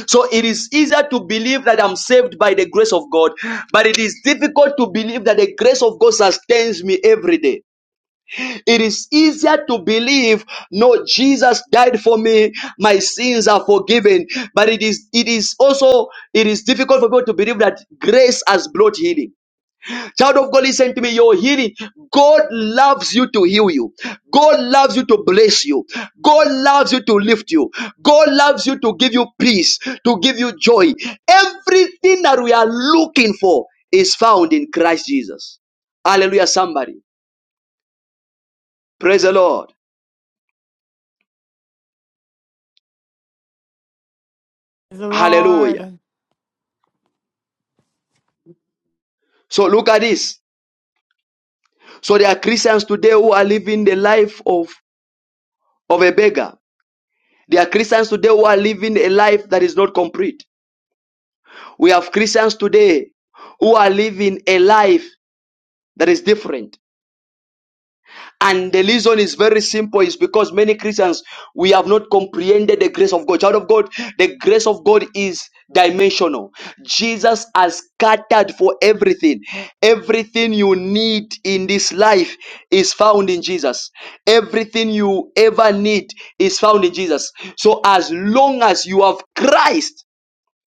Speaker 1: So it is easier to believe that I'm saved by the grace of God, but it is difficult to believe that the grace of God sustains me every day. It is easier to believe, no, Jesus died for me, my sins are forgiven. But it is it is also it is difficult for people to believe that grace has brought healing. Child of God, listen to me. Your healing, God loves you to heal you. God loves you to bless you. God loves you to lift you. God loves you to give you peace, to give you joy. Everything that we are looking for is found in Christ Jesus. Hallelujah, somebody. Praise the Lord.
Speaker 7: The
Speaker 1: Hallelujah.
Speaker 7: Lord.
Speaker 1: So look at this. So there are Christians today who are living the life of, of a beggar. There are Christians today who are living a life that is not complete. We have Christians today who are living a life that is different. And the reason is very simple is because many Christians, we have not comprehended the grace of God. Child of God, the grace of God is dimensional. Jesus has scattered for everything. Everything you need in this life is found in Jesus. Everything you ever need is found in Jesus. So as long as you have Christ,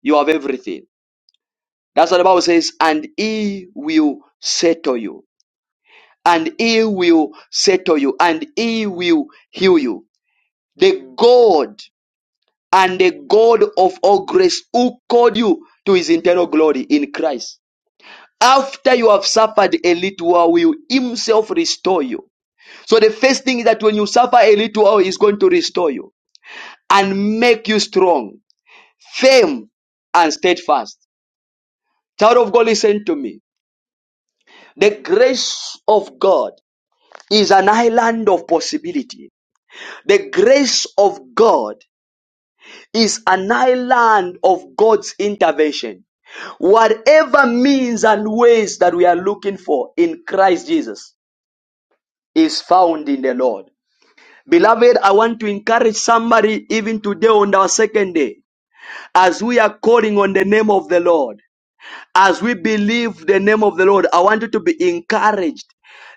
Speaker 1: you have everything. That's what the Bible says, and he will settle you and he will settle you and he will heal you. The God and the God of all grace who called you to his eternal glory in Christ. After you have suffered a little while, will himself restore you. So the first thing is that when you suffer a little while, he's going to restore you and make you strong, firm, and steadfast. Child of God, listen to me. The grace of God is an island of possibility. The grace of God is an island of God's intervention. Whatever means and ways that we are looking for in Christ Jesus is found in the Lord. Beloved, I want to encourage somebody even today on our second day as we are calling on the name of the Lord, as we believe the name of the Lord. I want you to be encouraged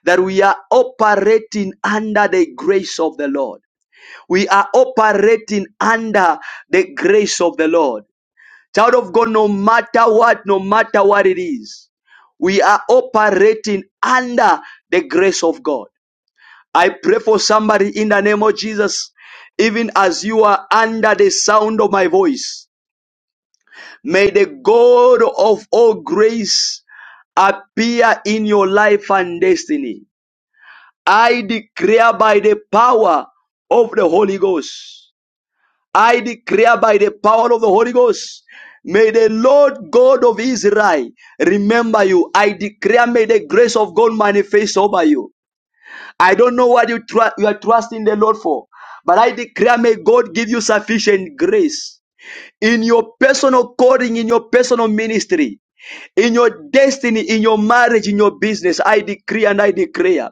Speaker 1: that we are operating under the grace of the Lord. We are operating under the grace of the Lord. Child of God, no matter what, no matter what it is, we are operating under the grace of God. I pray for somebody in the name of Jesus, even as you are under the sound of my voice. May the God of all grace appear in your life and destiny. I declare by the power of the Holy Ghost I declare by the power of the Holy Ghost, may the Lord God of Israel remember you. I declare, may the grace of God manifest over you. I don't know what you, tru- you are trusting the Lord for, but I declare, may God give you sufficient grace in your personal calling, in your personal ministry, in your destiny, in your marriage, in your business. I decree and I declare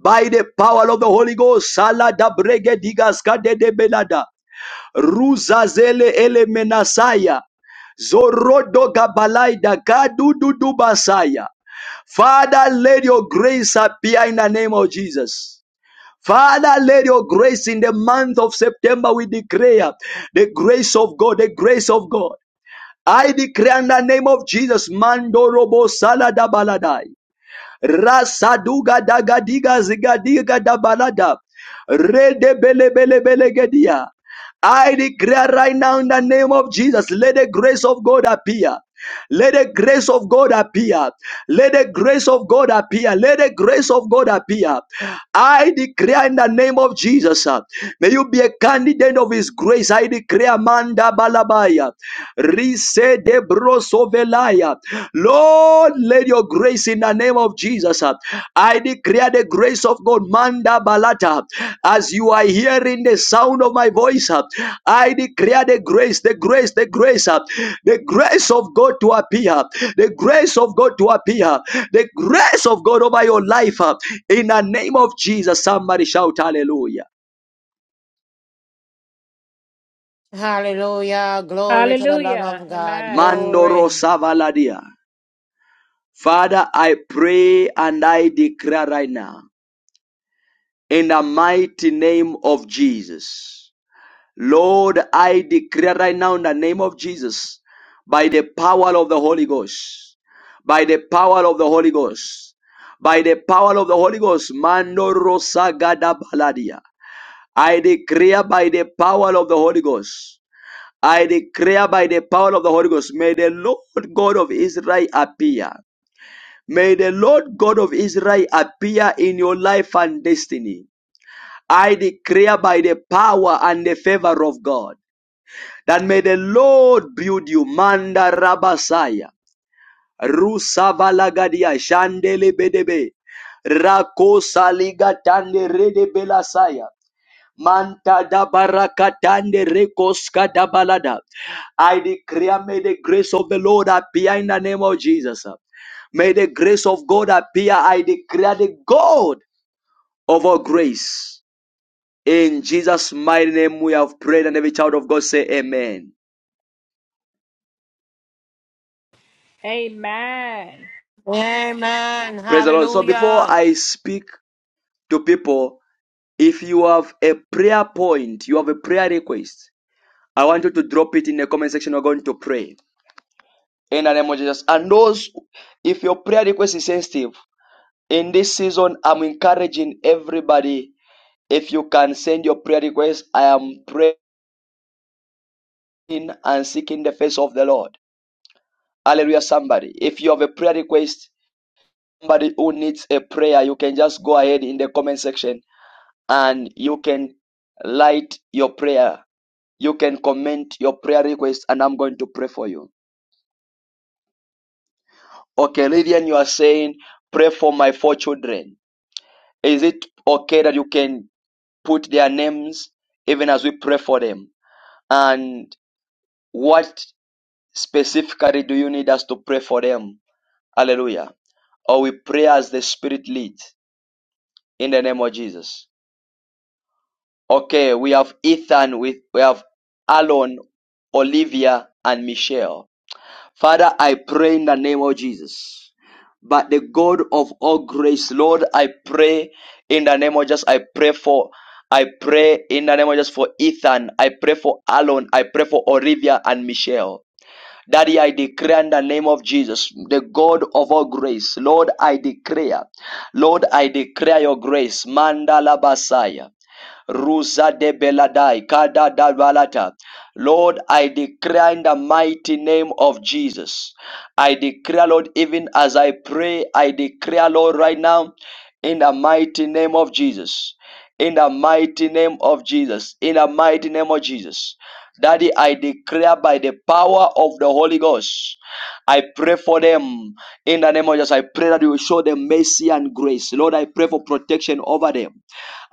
Speaker 1: by the power of the Holy Ghost. Salada brege digas de belada. Ruzazele elemenasaya. Zorodo gabalaida gadududu basaya. Father, let your grace appear in the name of Jesus. Father, let your grace in the month of September we declare the grace of God, the grace of God. I declare in the name of Jesus, Mandorobo Salada Baladai. Rasaduga daga diga ziga diga da balada. Rede bele bele bele gedia. I declare right now in the name of Jesus, let the grace of God appear. Let the grace of God appear. Let the grace of God appear. Let the grace of God appear. I declare in the name of Jesus, uh, may you be a candidate of His grace. I declare, Manda Balabaya, Rise de Brosovelaya. Lord, let your grace in the name of Jesus. uh, I declare the grace of God, Manda Balata. As you are hearing the sound of my voice, uh, I declare the grace, the grace, the grace, uh, the grace of God to appear, the grace of God to appear, the grace of God over your life. uh, In the name of Jesus, somebody shout hallelujah.
Speaker 7: Hallelujah. Glory to the love of God.
Speaker 1: Mandoro
Speaker 7: Glory.
Speaker 1: Savaladia. Father, I pray and I declare right now. in the mighty name of Jesus. Lord, I declare right now in the name of Jesus, by the power of the Holy Ghost, by the power of the Holy Ghost, by the power of the Holy Ghost, Mando Rosagada Baladia. I declare by the power of the Holy Ghost. I declare by the power of the Holy Ghost, may the Lord God of Israel appear. May the Lord God of Israel appear in your life and destiny. I declare by the power and the favor of God that may the Lord build you. Manda Rabasaya. Rusavalagadia Shandele Bedebe. Rakosa ligatande rede belasaya. Manta da barakatande rekoska da balada. I declare may the grace of the Lord appear in the name of Jesus. May the grace of God appear. I declare the God of all grace. In Jesus' mighty name, we have prayed, and every child of God say amen.
Speaker 5: Amen.
Speaker 7: Amen.
Speaker 1: Praise the Lord. So, before
Speaker 7: Hallelujah.
Speaker 1: I speak to people, if you have a prayer point, you have a prayer request, I want you to drop it in the comment section. We're going to pray in the name of Jesus. And those, if your prayer request is sensitive, in this season, I'm encouraging everybody. If you can send your prayer request, I am praying and seeking the face of the Lord. Hallelujah, somebody. If you have a prayer request, somebody who needs a prayer, you can just go ahead in the comment section and you can light your prayer. You can comment your prayer request and I'm going to pray for you. Okay, Lydian, you are saying, pray for my four children. Is it okay that you can put their names even as we pray for them? And what specifically do you need us to pray for them? Hallelujah. Or we pray as the Spirit leads in the name of Jesus. Okay, we have Ethan, with we have Alan, Olivia, and Michelle. Father, I pray in the name of Jesus. But the God of all grace, Lord, I pray in the name of Jesus. I pray for I pray in the name of Jesus for Ethan. I pray for Alan. I pray for Olivia and Michelle. Daddy, I declare in the name of Jesus, the God of all grace. Lord, I declare. Lord, I declare your grace. Mandala Basaya. Rusa de Beladai, Kada da Balata. Lord, I declare in the mighty name of Jesus. I declare, Lord, even as I pray, I declare, Lord, right now, in the mighty name of Jesus. In the mighty name of Jesus. In the mighty name of Jesus. Daddy, I declare by the power of the Holy Ghost. I pray for them in the name of Jesus. I pray that you will show them mercy and grace. Lord, I pray for protection over them.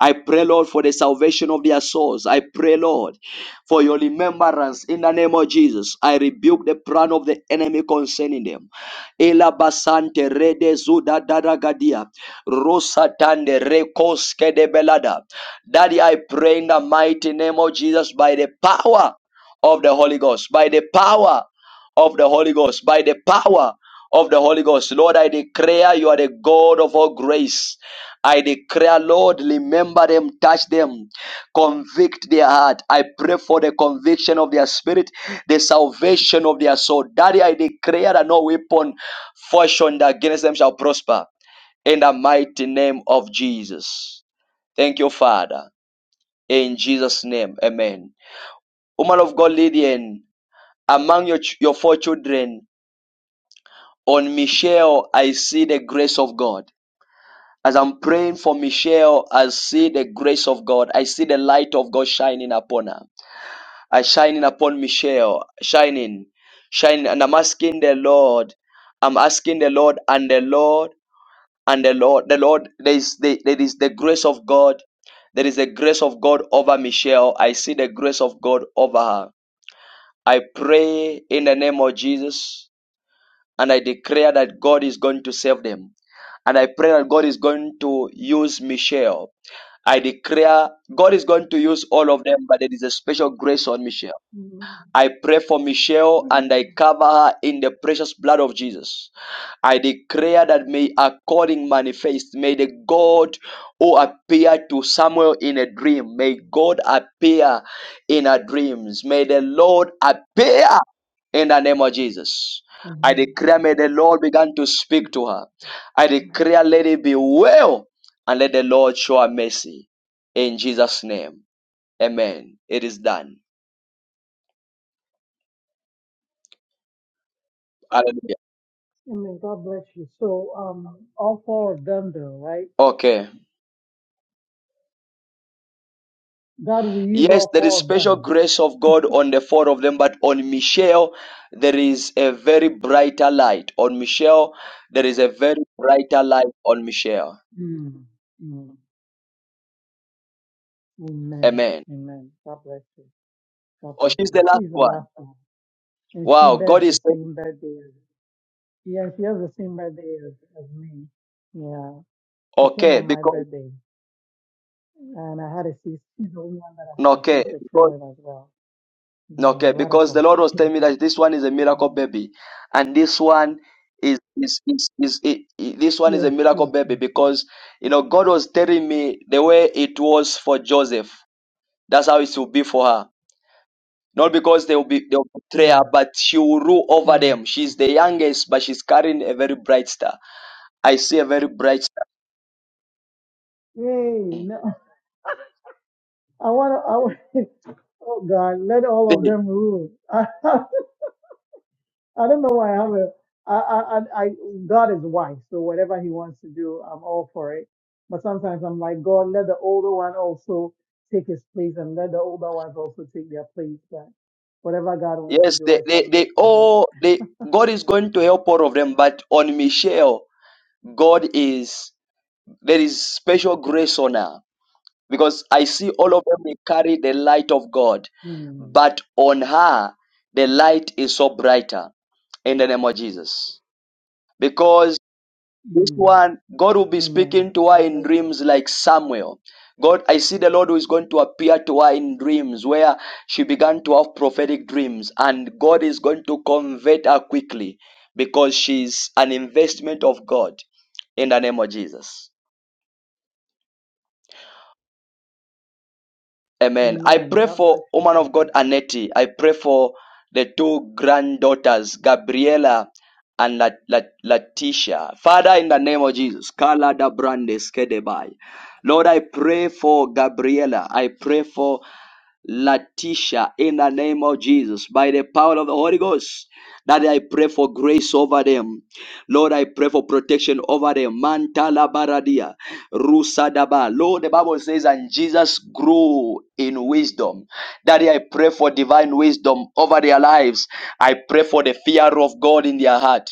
Speaker 1: I pray, Lord, for the salvation of their souls. I pray, Lord, for your remembrance in the name of Jesus. I rebuke the plan of the enemy concerning them. Elabasante rede zuda daragadia. Rosatande rekoske de belada. Daddy, I pray in the mighty name of Jesus by the power of the Holy Ghost, by the power of the Holy Ghost, by the power of the Holy Ghost. Lord, I declare you are the God of all grace. I declare, Lord, remember them, touch them, convict their heart. I pray for the conviction of their spirit, the salvation of their soul. Daddy, I declare that no weapon Fashioned against them shall prosper in the mighty name of Jesus. Thank you, Father. In Jesus' name, amen. Woman of God, Lydian, among your, ch- your four children, on Michelle, I see the grace of God. As I'm praying for Michelle, I see the grace of God. I see the light of God shining upon her. I shining upon Michelle, shining, shining, and I'm asking the Lord. I'm asking the Lord, and the Lord and the lord the lord there is the, there is the grace of god there is the grace of god over michelle i see the grace of god over her i pray in the name of jesus and i declare that god is going to save them and i pray that god is going to use michelle i declare god is going to use all of them but there is a special grace on michelle
Speaker 9: Amen.
Speaker 1: I pray for Michelle and I
Speaker 9: Amen.
Speaker 1: cover her in the precious blood of Jesus. I declare that may her calling manifest. May the God who appeared to Samuel in a dream, may God appear in her dreams. May the Lord appear in the name of Jesus. I
Speaker 9: Amen.
Speaker 1: declare, may the Lord begin to speak to her. I declare, let it be well, and let the Lord show her mercy. In Jesus' name, amen. It is done. Hallelujah.
Speaker 9: Amen. God bless you. So, um, all four of them, though, right?
Speaker 1: Okay.
Speaker 9: God will use
Speaker 1: Yes,
Speaker 9: all
Speaker 1: there is
Speaker 9: four of
Speaker 1: special
Speaker 9: them.
Speaker 1: grace of God on the four of them, but on Michelle, there is a very brighter light. On Michelle, there is a very brighter light on Michelle.
Speaker 9: Mm. Mm. Amen.
Speaker 1: Amen.
Speaker 9: Amen. God bless you. God
Speaker 1: Oh,
Speaker 9: bless
Speaker 1: she's the
Speaker 9: you.
Speaker 1: last
Speaker 9: She's the
Speaker 1: one.
Speaker 9: last one, and she
Speaker 1: Wow,
Speaker 9: bears
Speaker 1: God
Speaker 9: the
Speaker 1: is saying,
Speaker 9: same birthday. as- Yeah, she has the same birthday as, as me. Yeah, she came
Speaker 1: okay,
Speaker 9: on my
Speaker 1: because
Speaker 9: birthday, and I had a C. She's the only one that I
Speaker 1: no,
Speaker 9: had a
Speaker 1: okay,
Speaker 9: C-section
Speaker 1: because
Speaker 9: with as well. You
Speaker 1: no,
Speaker 9: know, a
Speaker 1: okay,
Speaker 9: lot of
Speaker 1: because the Lord was telling
Speaker 9: complications.
Speaker 1: me that this one is a miracle
Speaker 9: Mm.
Speaker 1: baby, and this one is is is, is, i i- this one is a
Speaker 9: Yes, yes,
Speaker 1: miracle
Speaker 9: yes.
Speaker 1: baby because you know God was telling me the way it was for Joseph. That's how it will be for her Not because they will be they'll betray her,
Speaker 9: Mm,
Speaker 1: but she will rule over
Speaker 9: mm.
Speaker 1: them. She's the youngest, but she's carrying a very bright star. I see a very bright star.
Speaker 9: Hey,
Speaker 1: Mm.
Speaker 9: no, I want to. I want oh God, let all of them rule. I, don't know why I have a. I, I, I, I- God is wise, so whatever He wants to do, I'm all for it. But sometimes I'm like, God, let the older one also take his place, and let the older ones also take their place. But whatever God wants to
Speaker 1: yes,
Speaker 9: do,
Speaker 1: they,
Speaker 9: I
Speaker 1: they they
Speaker 9: submit to Him.
Speaker 1: all they God is going to help all of them, but on Michelle, God is there is special grace on her because I see all of them they carry the light of God,
Speaker 9: Mm,
Speaker 1: but on her the light is so brighter in the name of Jesus This
Speaker 9: mm.
Speaker 1: one, God will be
Speaker 9: Amen.
Speaker 1: speaking to her
Speaker 9: God
Speaker 1: in
Speaker 9: bless
Speaker 1: dreams like Samuel. God, I see the Lord who is going to appear to her in dreams where she began to have prophetic dreams, and God is going to convert her quickly because she's an investment of God in the name of Jesus.
Speaker 9: you.
Speaker 1: Amen. I
Speaker 9: Amen.
Speaker 1: pray
Speaker 9: God bless
Speaker 1: for
Speaker 9: you,
Speaker 1: woman of
Speaker 9: Prophet.
Speaker 1: God Anetti. I pray for the two granddaughters, Gabriela and Lat- Lat- Latisha. Father, in the name of Jesus, Kala da Brandes Kedebai. Lord, I pray for Gabriela. I pray for Latisha in the name of Jesus by the power of the Holy Ghost. That I pray for grace over them. Lord, I pray for protection over them. Mantala baradia, rusadaba. Lord, the Bible says, and Jesus grew in wisdom. Daddy, I pray for divine wisdom over their lives. I pray for the fear of God in their heart.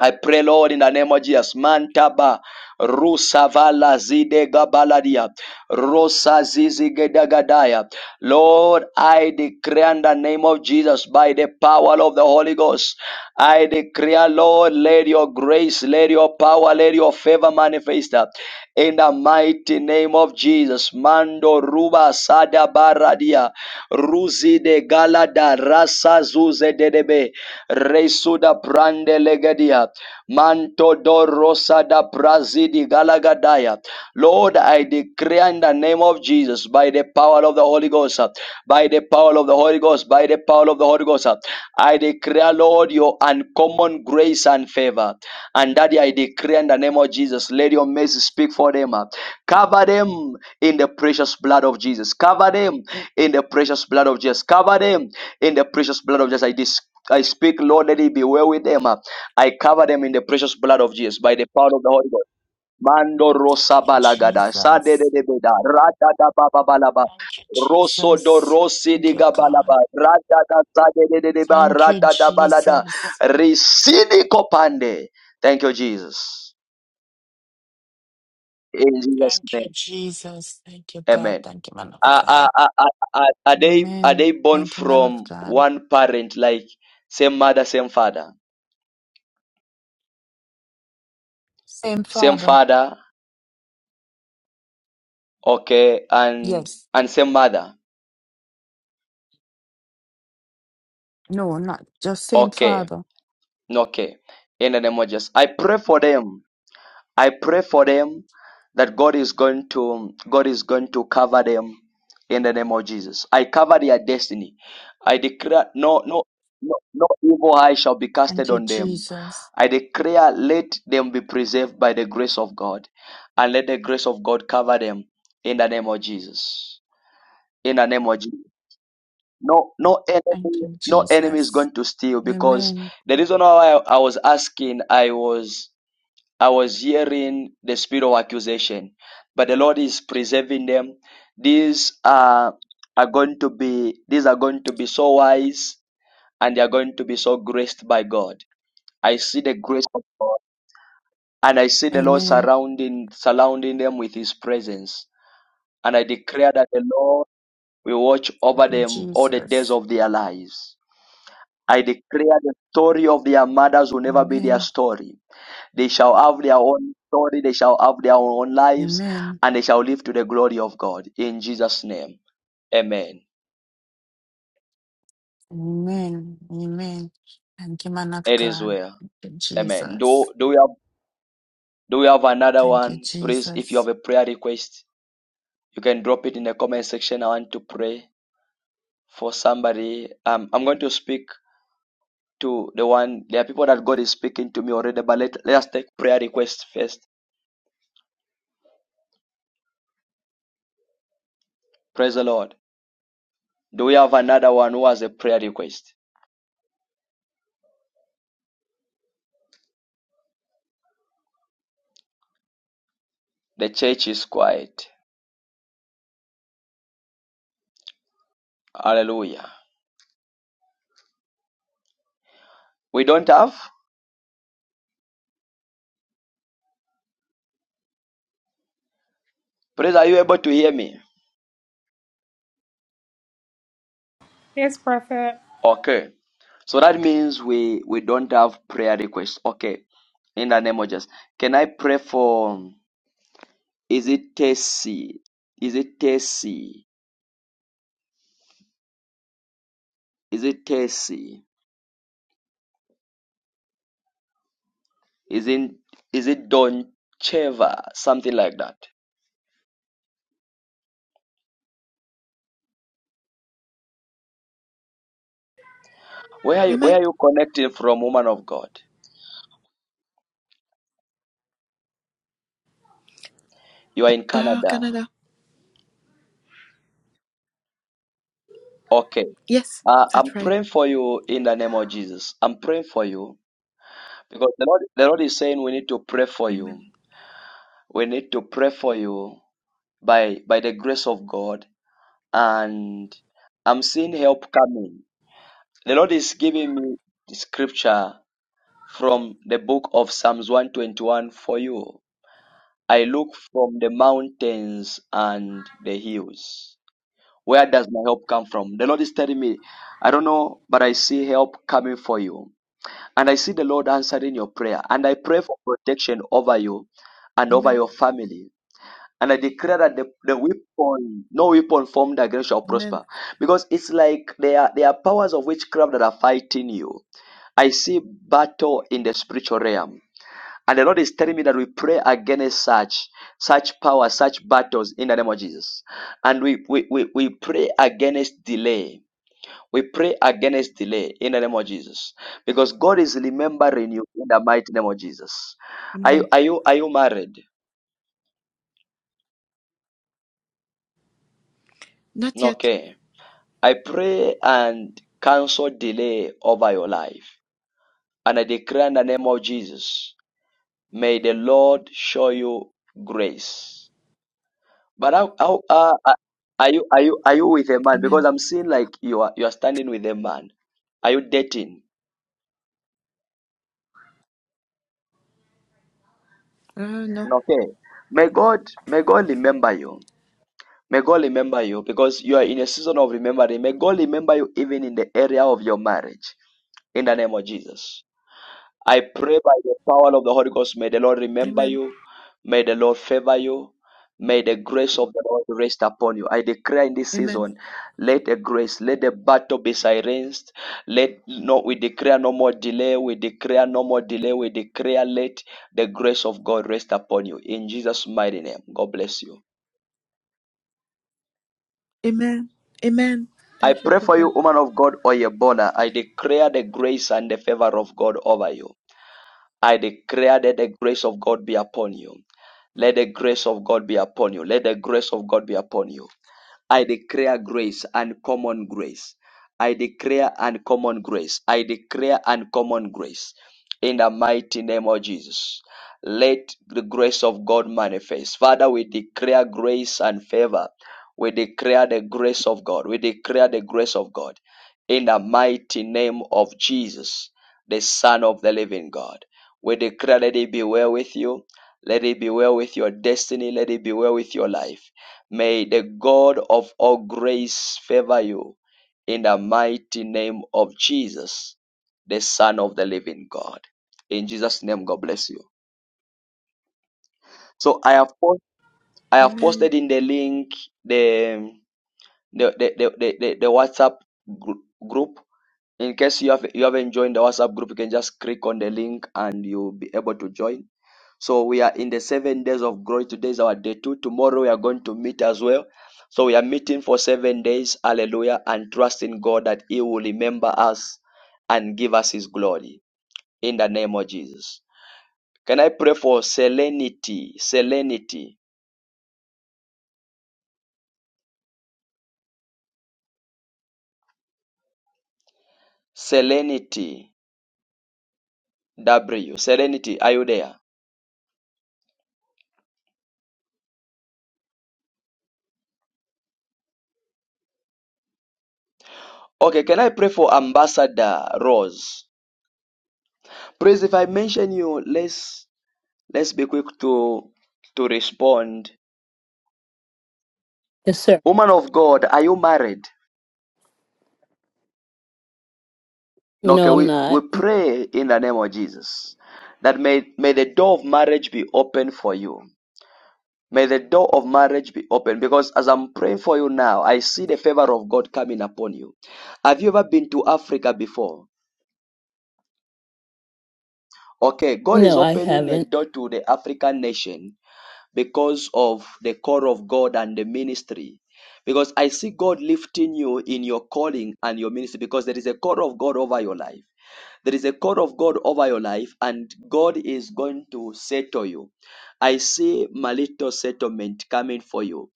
Speaker 1: I pray, Lord, in the name of Jesus. Mantaba Rusavala Zide Gabaladia Rosa Zizi Gedagadaya. Lord, I declare in the name of Jesus by the power of the Holy Ghost. I declare, Lord, let your grace, let your power, let your favor manifest uh, in the mighty name of Jesus. Mando Ruba Sada Baradia Ruzi de Galada Rasa Zuze Dedebe. Resuda Brande Legadia. Manto Dorosa da Brazidi Galagadaya. Lord, I declare in the name of Jesus, by the power of the Holy Ghost, uh, by the power of the Holy Ghost, by the power of the Holy Ghost, uh, I declare, Lord, your uncommon grace and favor. And Daddy, I declare in the name of Jesus, let your mercy speak for them. uh. Cover them in the precious blood of Jesus. Cover them in the precious blood of Jesus. Cover them in the precious blood of Jesus. I dis- I speak, Lord, let it be well with them. uh. I cover them in the precious blood of Jesus by the power of the Holy Ghost. Mando rosa
Speaker 10: Thank you,
Speaker 1: balagada, sade de
Speaker 10: Jesus.
Speaker 1: de beda, rata da ba ba balaba,
Speaker 10: Thank you,
Speaker 1: rosso do
Speaker 10: Jesus.
Speaker 1: rossi
Speaker 10: Thank
Speaker 1: di
Speaker 10: you, God.
Speaker 1: gabalaba, rata da sade de de de ba,
Speaker 10: Thank you,
Speaker 1: rata da balada,
Speaker 10: Jesus.
Speaker 1: risidi copande. Thank you, Jesus. In Jesus'
Speaker 10: Thank you,
Speaker 1: name,
Speaker 10: Jesus. Thank you, God.
Speaker 1: Amen.
Speaker 10: Thank you, man of
Speaker 1: Are,
Speaker 10: God.
Speaker 1: are, are, are are- are they are
Speaker 10: Amen.
Speaker 1: they born
Speaker 10: Thank you, man of
Speaker 1: from
Speaker 10: God.
Speaker 1: one parent, like same mother, same father?
Speaker 10: Same
Speaker 1: Same
Speaker 10: Father.
Speaker 1: father, okay, and
Speaker 10: Yes.
Speaker 1: and same mother,
Speaker 10: No, not just same
Speaker 1: okay,
Speaker 10: Father.
Speaker 1: okay. In the name of Jesus, I pray for them. I pray for them that God is going to God is going to cover them in the name of Jesus. I cover their destiny. I declare no no no, no evil eye shall be
Speaker 10: Thank
Speaker 1: casted
Speaker 10: you,
Speaker 1: on them.
Speaker 10: Jesus.
Speaker 1: I declare let them be preserved by the grace of God and let the grace of God cover them in the name of Jesus. In the name of Jesus. No, no
Speaker 10: Thank
Speaker 1: enemy,
Speaker 10: you,
Speaker 1: no enemy is
Speaker 10: Jesus.
Speaker 1: going to steal because
Speaker 10: Amen.
Speaker 1: the reason why I, I was asking, I was, I was hearing the spirit of accusation, but the Lord is preserving them. These are are going to be, these are going to be so wise, and they are going to be so graced by God. I see the grace of God, and I see the Lord
Speaker 10: Amen.
Speaker 1: surrounding, surrounding them with His presence, and I declare that the Lord will watch over
Speaker 10: Thank you,
Speaker 1: them all the days
Speaker 10: Jesus.
Speaker 1: of their lives. I declare the story of their mothers will never be their
Speaker 10: Amen.
Speaker 1: story. They shall have their own story, they shall have their own lives,
Speaker 10: Amen.
Speaker 1: and they shall live to the glory of God. In Jesus' name. Amen.
Speaker 10: Amen. Amen. Thank you, man of
Speaker 1: It is
Speaker 10: God.
Speaker 1: well.
Speaker 10: Thank you,
Speaker 1: Amen.
Speaker 10: Jesus.
Speaker 1: Do do we have do we have another
Speaker 10: Thank you,
Speaker 1: one? Please, if you have
Speaker 10: Jesus.
Speaker 1: a prayer request, you can drop it in the comment section. I want to pray for somebody. Um, I'm going to speak to the one. There are people that God is speaking to me already, but let, let us take prayer requests first. Praise the Lord. Do we have another one who has a prayer request? The church is quiet. Hallelujah. We don't have? Praise, are you able to hear me? Okay. So that means we, we don't have prayer requests. Okay. In the name of Jesus. Can I pray for, is it Tessie? Is it Tessie? Is it Tessie? Is it, is it Doncheva? Something like that. Where are you, where
Speaker 3: Amen.
Speaker 1: are you connecting from, woman of God? You are in
Speaker 3: Oh,
Speaker 1: Canada.
Speaker 3: Canada.
Speaker 1: Okay.
Speaker 3: Yes,
Speaker 1: Uh,
Speaker 3: that's
Speaker 1: I'm
Speaker 3: right.
Speaker 1: praying for you in the name of Jesus. I'm praying for you because the Lord, the Lord is saying we need to pray for
Speaker 3: Amen.
Speaker 1: you. We need to pray for you by by the grace of God. And I'm seeing help coming. The Lord is giving me the scripture from the book of Psalms 121 for you. I look from the mountains and the hills. Where does my help come from? The Lord is telling me, I don't know, but I see help coming for you. And I see the Lord answering your prayer. And I pray for protection over you and over
Speaker 3: Amen.
Speaker 1: your family. And I declare that the, the weapon, no weapon formed against shall
Speaker 3: Amen.
Speaker 1: prosper. Because it's like there are, there are powers of witchcraft that are fighting you. I see battle in the spiritual realm. And the Lord is telling me that we pray against such, such power, such battles in the name of Jesus. And we, we, we, we pray against delay. We pray against delay in the name of Jesus. Because God is remembering you in the mighty name of Jesus. Are you
Speaker 3: Amen.
Speaker 1: are you are you married?
Speaker 3: Not
Speaker 1: No,
Speaker 3: yet.
Speaker 1: Okay. I pray and cancel delay over your life. And I declare in the name of Jesus, may the Lord show you grace. But how, how uh, uh, are you are you are you with a man? Because
Speaker 3: Amen.
Speaker 1: I'm seeing like you are you are standing with a man. Are you dating?
Speaker 3: Oh, no.
Speaker 1: No, Okay. May God may God remember you May God remember you because you are in a season of remembering. May God remember you even in the area of your marriage. In the name of Jesus. I pray by the power of the Holy Ghost, may the Lord remember
Speaker 3: Amen.
Speaker 1: you. May the Lord favor you. May the grace of the Lord rest upon you. I declare in this
Speaker 3: Amen.
Speaker 1: season, let the grace, let the battle be silenced. Let no, we declare no more delay. We declare no more delay. We declare let the grace of God rest upon you. In Jesus' mighty name, God bless you.
Speaker 3: Amen. Amen.
Speaker 1: I
Speaker 3: Thank you,
Speaker 1: pray for
Speaker 3: Prophet.
Speaker 1: you, woman of God, Oyebola. I declare the grace and the favor of God over you. I declare that the grace of God be upon you. Let the grace of God be upon you. Let the grace of God be upon you. I declare grace and common grace. I declare and common grace. I declare and common grace. In the mighty name of Jesus. Let the grace of God manifest. Father, we declare grace and favor. We declare the grace of God. We declare the grace of God. In the mighty name of Jesus, the Son of the living God. We declare that it be well with you let it be well with your destiny. Let it be well with your life. May the God of all grace favor you in the mighty name of Jesus, the Son of the living God. In Jesus' name, God bless you. So I have post, I have
Speaker 3: Amen.
Speaker 1: posted in the link the the the, the, the, the, the WhatsApp gr- group. In case you have you haven't joined the WhatsApp group, you can just click on the link and you'll be able to join So we are in the seven days of glory. Today is our day two. Tomorrow we are going to meet as well. So we are meeting for seven days. Hallelujah. And trusting God that He will remember us and give us His glory in the name of Jesus. Can I pray for serenity? Serenity. Serenity. W. Serenity. Are you there? Okay, can I pray for Ambassador Rose? Please, if I mention you, let's let's be quick to to respond.
Speaker 11: Yes, sir.
Speaker 1: Woman of God, are you married? Okay,
Speaker 11: No, I'm
Speaker 1: we, we
Speaker 11: not.
Speaker 1: pray in the name of Jesus that may, may the door of marriage be open for you. May the door of marriage be open because as I'm praying for you now, I see the favor of God coming upon you. Have you ever been to Africa before? Okay, God is
Speaker 11: No, I
Speaker 1: opening a
Speaker 11: haven't.
Speaker 1: door to the African nation because of the call of God and the ministry. Because I see God lifting you in your calling and your ministry because there is a call of God over your life. There is a call of God over your life, and God is going to settle you. I see marital settlement coming for you.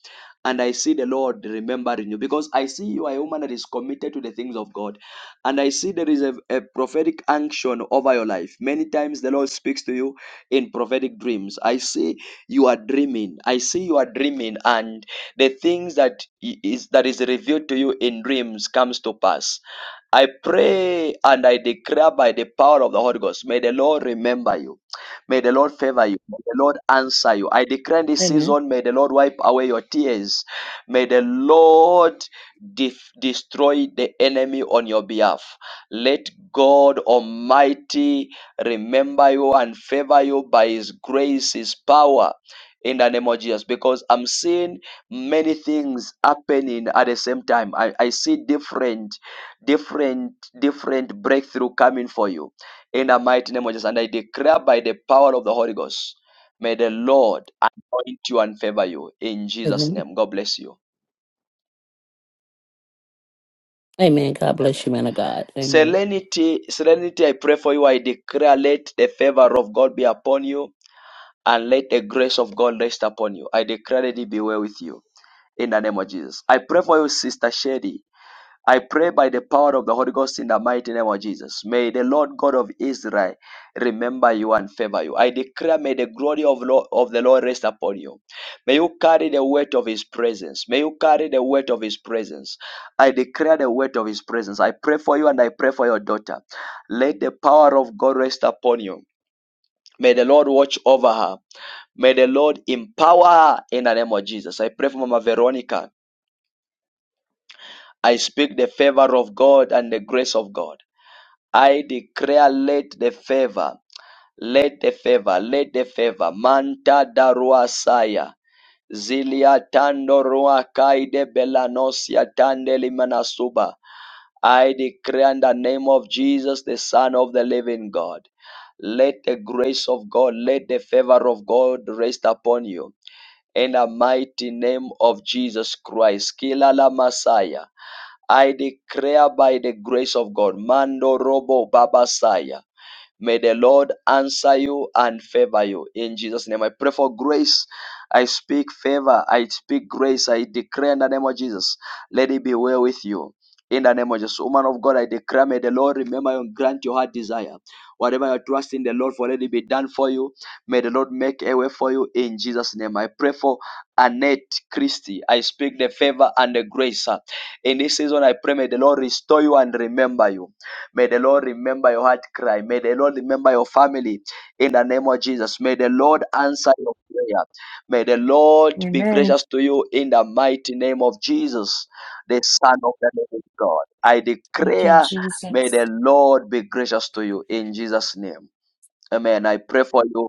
Speaker 1: And I see the Lord remembering you because I see you are a woman that is committed to the things of God. And I see there is a, a prophetic action over your life. Many times the Lord speaks to you in prophetic dreams. I see you are dreaming. I see you are dreaming, and the things that i- is that is revealed to you in dreams comes to pass I pray and I declare by the power of the Holy Ghost. May the Lord remember you. May the Lord favor you. May the Lord answer you. I declare in this
Speaker 11: Amen.
Speaker 1: season, may the Lord wipe away your tears. May the Lord def- destroy the enemy on your behalf. Let God Almighty remember you and favor you by His grace, His power. In the name of Jesus, because I'm seeing many things happening at the same time. I, I see different different different breakthrough coming for you in the mighty name of Jesus. And I declare by the power of the Holy Ghost, may the Lord anoint you and favor you in Jesus'
Speaker 11: Amen.
Speaker 1: name. God bless you.
Speaker 11: Amen. God bless
Speaker 1: Amen.
Speaker 11: you, man of God. Amen.
Speaker 1: Serenity, serenity, I pray for you. I declare, let the favor of God be upon you, and let the grace of God rest upon you. I declare that it be well with you in the name of Jesus. I pray for you, Sister Sherry. I pray by the power of the Holy Ghost in the mighty name of Jesus. May the Lord God of Israel remember you and favor you. I declare, may the glory of, Lord, of the Lord rest upon you. May you carry the weight of His presence. May you carry the weight of His presence. I declare the weight of His presence. I pray for you and I pray for your daughter. Let the power of God rest upon you. May the Lord watch over her. May the Lord empower her in the name of Jesus. I pray for Mama Veronica. I speak the favor of God and the grace of God. I declare, let the favor, let the favor, let the favor. Manta darua saya. Zilia tando rua kaide belanosia Tandeli Manasuba. I declare in the name of Jesus, the Son of the living God. Let the grace of God, let the favor of God rest upon you. In the mighty name of Jesus Christ, Kilala Messiah, I declare by the grace of God, Mando Robo Babasaya. May the Lord answer you and favor you. In Jesus' name, I pray for grace. I speak favor. I speak grace. I declare in the name of Jesus, let it be well with you. In the name of Jesus, woman of God, I declare, may the Lord remember you and grant your heart desire. Whatever you're trusting the Lord for, let it be done for you. May the Lord make a way for you in Jesus' name. I pray for Annette Christie. I speak the favor and the grace. uh, In this season, I pray, may the Lord restore you and remember you. May the Lord remember your heart cry. May the Lord remember your family in the name of Jesus. May the Lord answer your prayer. May the Lord be
Speaker 10: Amen.
Speaker 1: gracious to you in the mighty name of Jesus, the Son of the living God. I
Speaker 10: Thank you,
Speaker 1: declare, may
Speaker 10: Jesus.
Speaker 1: the Lord be gracious to you in Jesus' name. Amen. I pray for you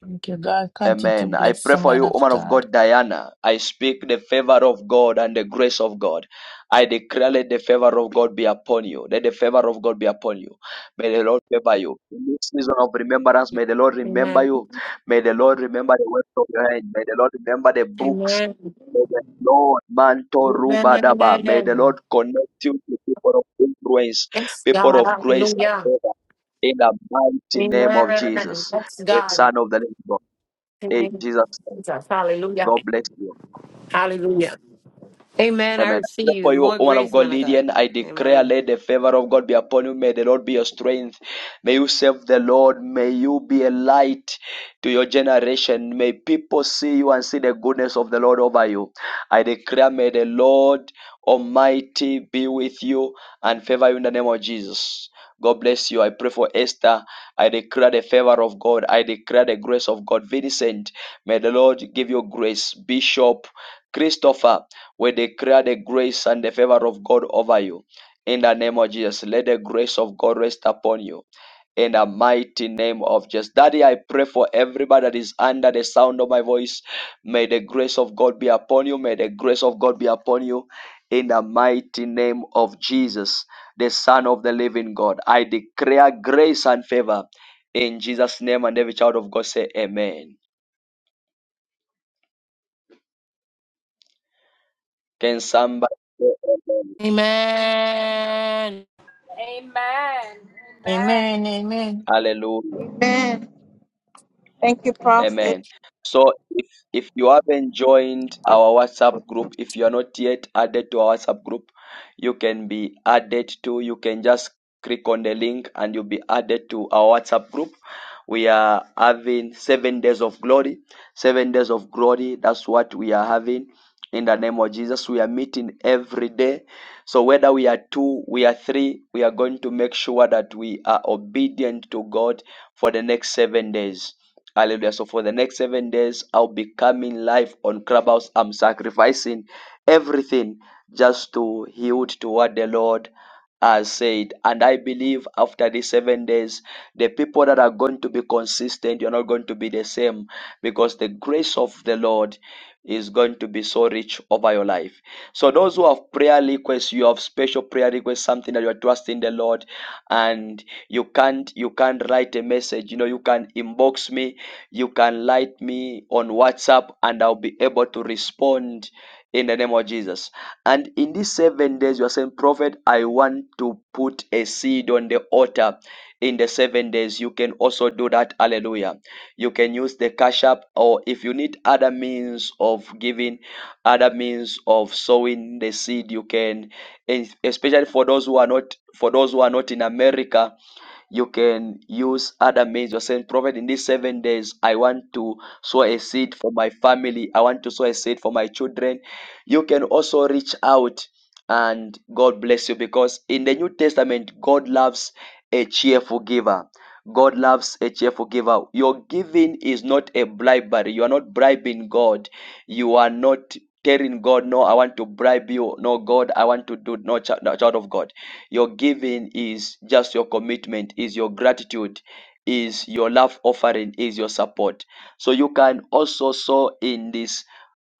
Speaker 10: Thank you, God. Continue to
Speaker 1: Amen. I
Speaker 10: bless
Speaker 1: pray
Speaker 10: the
Speaker 1: for
Speaker 10: man
Speaker 1: you,
Speaker 10: of
Speaker 1: woman of
Speaker 10: God.
Speaker 1: God, Diana. I speak the favor of God and the grace of God. I declare let the favor of God be upon you. Let the favor of God be upon you. May the Lord favor you. In this season of remembrance, may the Lord remember
Speaker 7: Amen.
Speaker 1: you. May the Lord remember the works of your hand. May the Lord remember the books.
Speaker 7: Amen.
Speaker 1: May the Lord mantle
Speaker 7: Amen.
Speaker 1: rubadaba. May the
Speaker 7: Amen.
Speaker 1: Lord connect you to people of influence,
Speaker 7: Yes,
Speaker 1: people
Speaker 7: God.
Speaker 1: of grace and
Speaker 7: Hallelujah.
Speaker 1: favor. In the mighty name of
Speaker 7: Amen.
Speaker 1: Jesus,
Speaker 7: Yes,
Speaker 1: the
Speaker 7: God.
Speaker 1: Son of the Living God. In
Speaker 7: Amen.
Speaker 1: Jesus' name.
Speaker 7: Jesus. Hallelujah.
Speaker 1: God bless you.
Speaker 7: Hallelujah. Amen. I
Speaker 1: Amen. I pray
Speaker 7: receive
Speaker 1: For you,
Speaker 7: more
Speaker 1: woman of
Speaker 7: grace,
Speaker 1: God,
Speaker 7: man of God.
Speaker 1: Lydian, I declare,
Speaker 7: Amen.
Speaker 1: let the favor of God be upon you. May the Lord be your strength. May you serve the Lord. May you be a light to your generation. May people see you and see the goodness of the Lord over you. I declare, may the Lord Almighty be with you and favor you in the name of Jesus. God bless you. I pray for Esther. I declare the favor of God. I declare the grace of God. Vincent, may the Lord give you grace. Bishop Christopher. We declare the grace and the favor of God over you. In the name of Jesus, let the grace of God rest upon you in the mighty name of Jesus. Daddy, I pray for everybody that is under the sound of my voice. May the grace of God be upon you. May the grace of God be upon you in the mighty name of Jesus, the Son of the living God. I declare grace and favor in Jesus' name, and every child of God say, Amen. Can somebody say,
Speaker 7: Amen.
Speaker 5: Amen. Amen.
Speaker 10: Amen. Amen.
Speaker 1: Hallelujah?
Speaker 6: Amen. Thank you, Prophet.
Speaker 1: Amen. So if, if you haven't joined our WhatsApp group, if you are not yet added to our WhatsApp group, you can be added to, you can just click on the link and you'll be added to our WhatsApp group. We are having seven days of glory. Seven days of glory. That's what we are having in the name of Jesus. We are meeting every day. So whether we are two, we are three, we are going to make sure that we are obedient to God for the next seven days. Hallelujah. So for the next seven days, I'll be coming live on Clubhouse. I'm sacrificing everything just to yield to what the Lord has said. And I believe after these seven days, the people that are going to be consistent, you're not going to be the same because the grace of the Lord is going to be so rich over your life. So those who have prayer requests, you have special prayer requests, something that you are trusting the Lord, and you can't you can't write a message. You know, you can inbox me, you can write me on WhatsApp, and I'll be able to respond in the name of Jesus. And in these seven days, you are saying, Prophet, I want to put a seed on the altar. In the seven days, you can also do that. Hallelujah. You can use the cash app, or if you need other means of giving other means of sowing the seed you can es- especially for those who are not for those who are not in america you can use other means you're saying prophet in these seven days i want to sow a seed for my family i want to sow a seed for my children you can also reach out and god bless you because in the new testament god loves a cheerful giver god loves a cheerful giver your giving is not a bribery you are not bribing god you are not telling God, no, I want to bribe you. No, God, I want to do no child, no, child of God. Your giving is just your commitment, is your gratitude, is your love offering, is your support. So you can also sow in this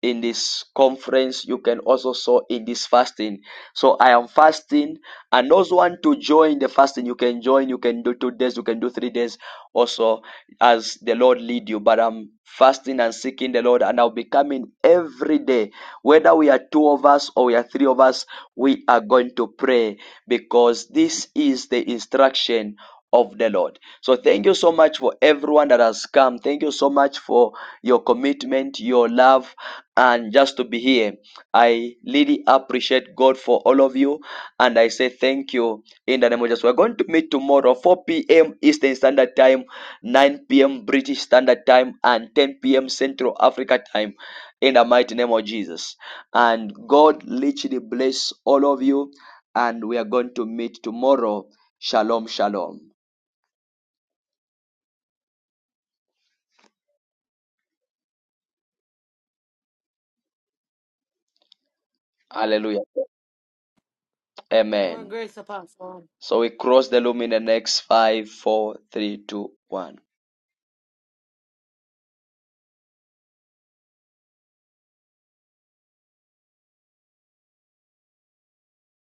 Speaker 1: in this conference you can also sow in this fasting so i am fasting and those who want to join the fasting you can join you can do two days you can do three days also as the lord lead you but i'm fasting and seeking the lord and i'll be coming every day whether we are two of us or we are three of us we are going to pray because this is the instruction of the Lord. So thank you so much for everyone that has come. Thank you so much for your commitment, your love, and just to be here. I really appreciate God for all of you, and I say thank you in the name of Jesus. We're going to meet tomorrow, 4 p.m. Eastern Standard Time, 9 p.m. British Standard Time, and 10 p.m. Central Africa Time. In the mighty name of Jesus, and God literally bless all of you, and we are going to meet tomorrow. Shalom, shalom. Hallelujah.
Speaker 7: More
Speaker 1: Amen.
Speaker 7: grace, Apostle.
Speaker 1: So we cross the loom in the next five, four, three, two, one.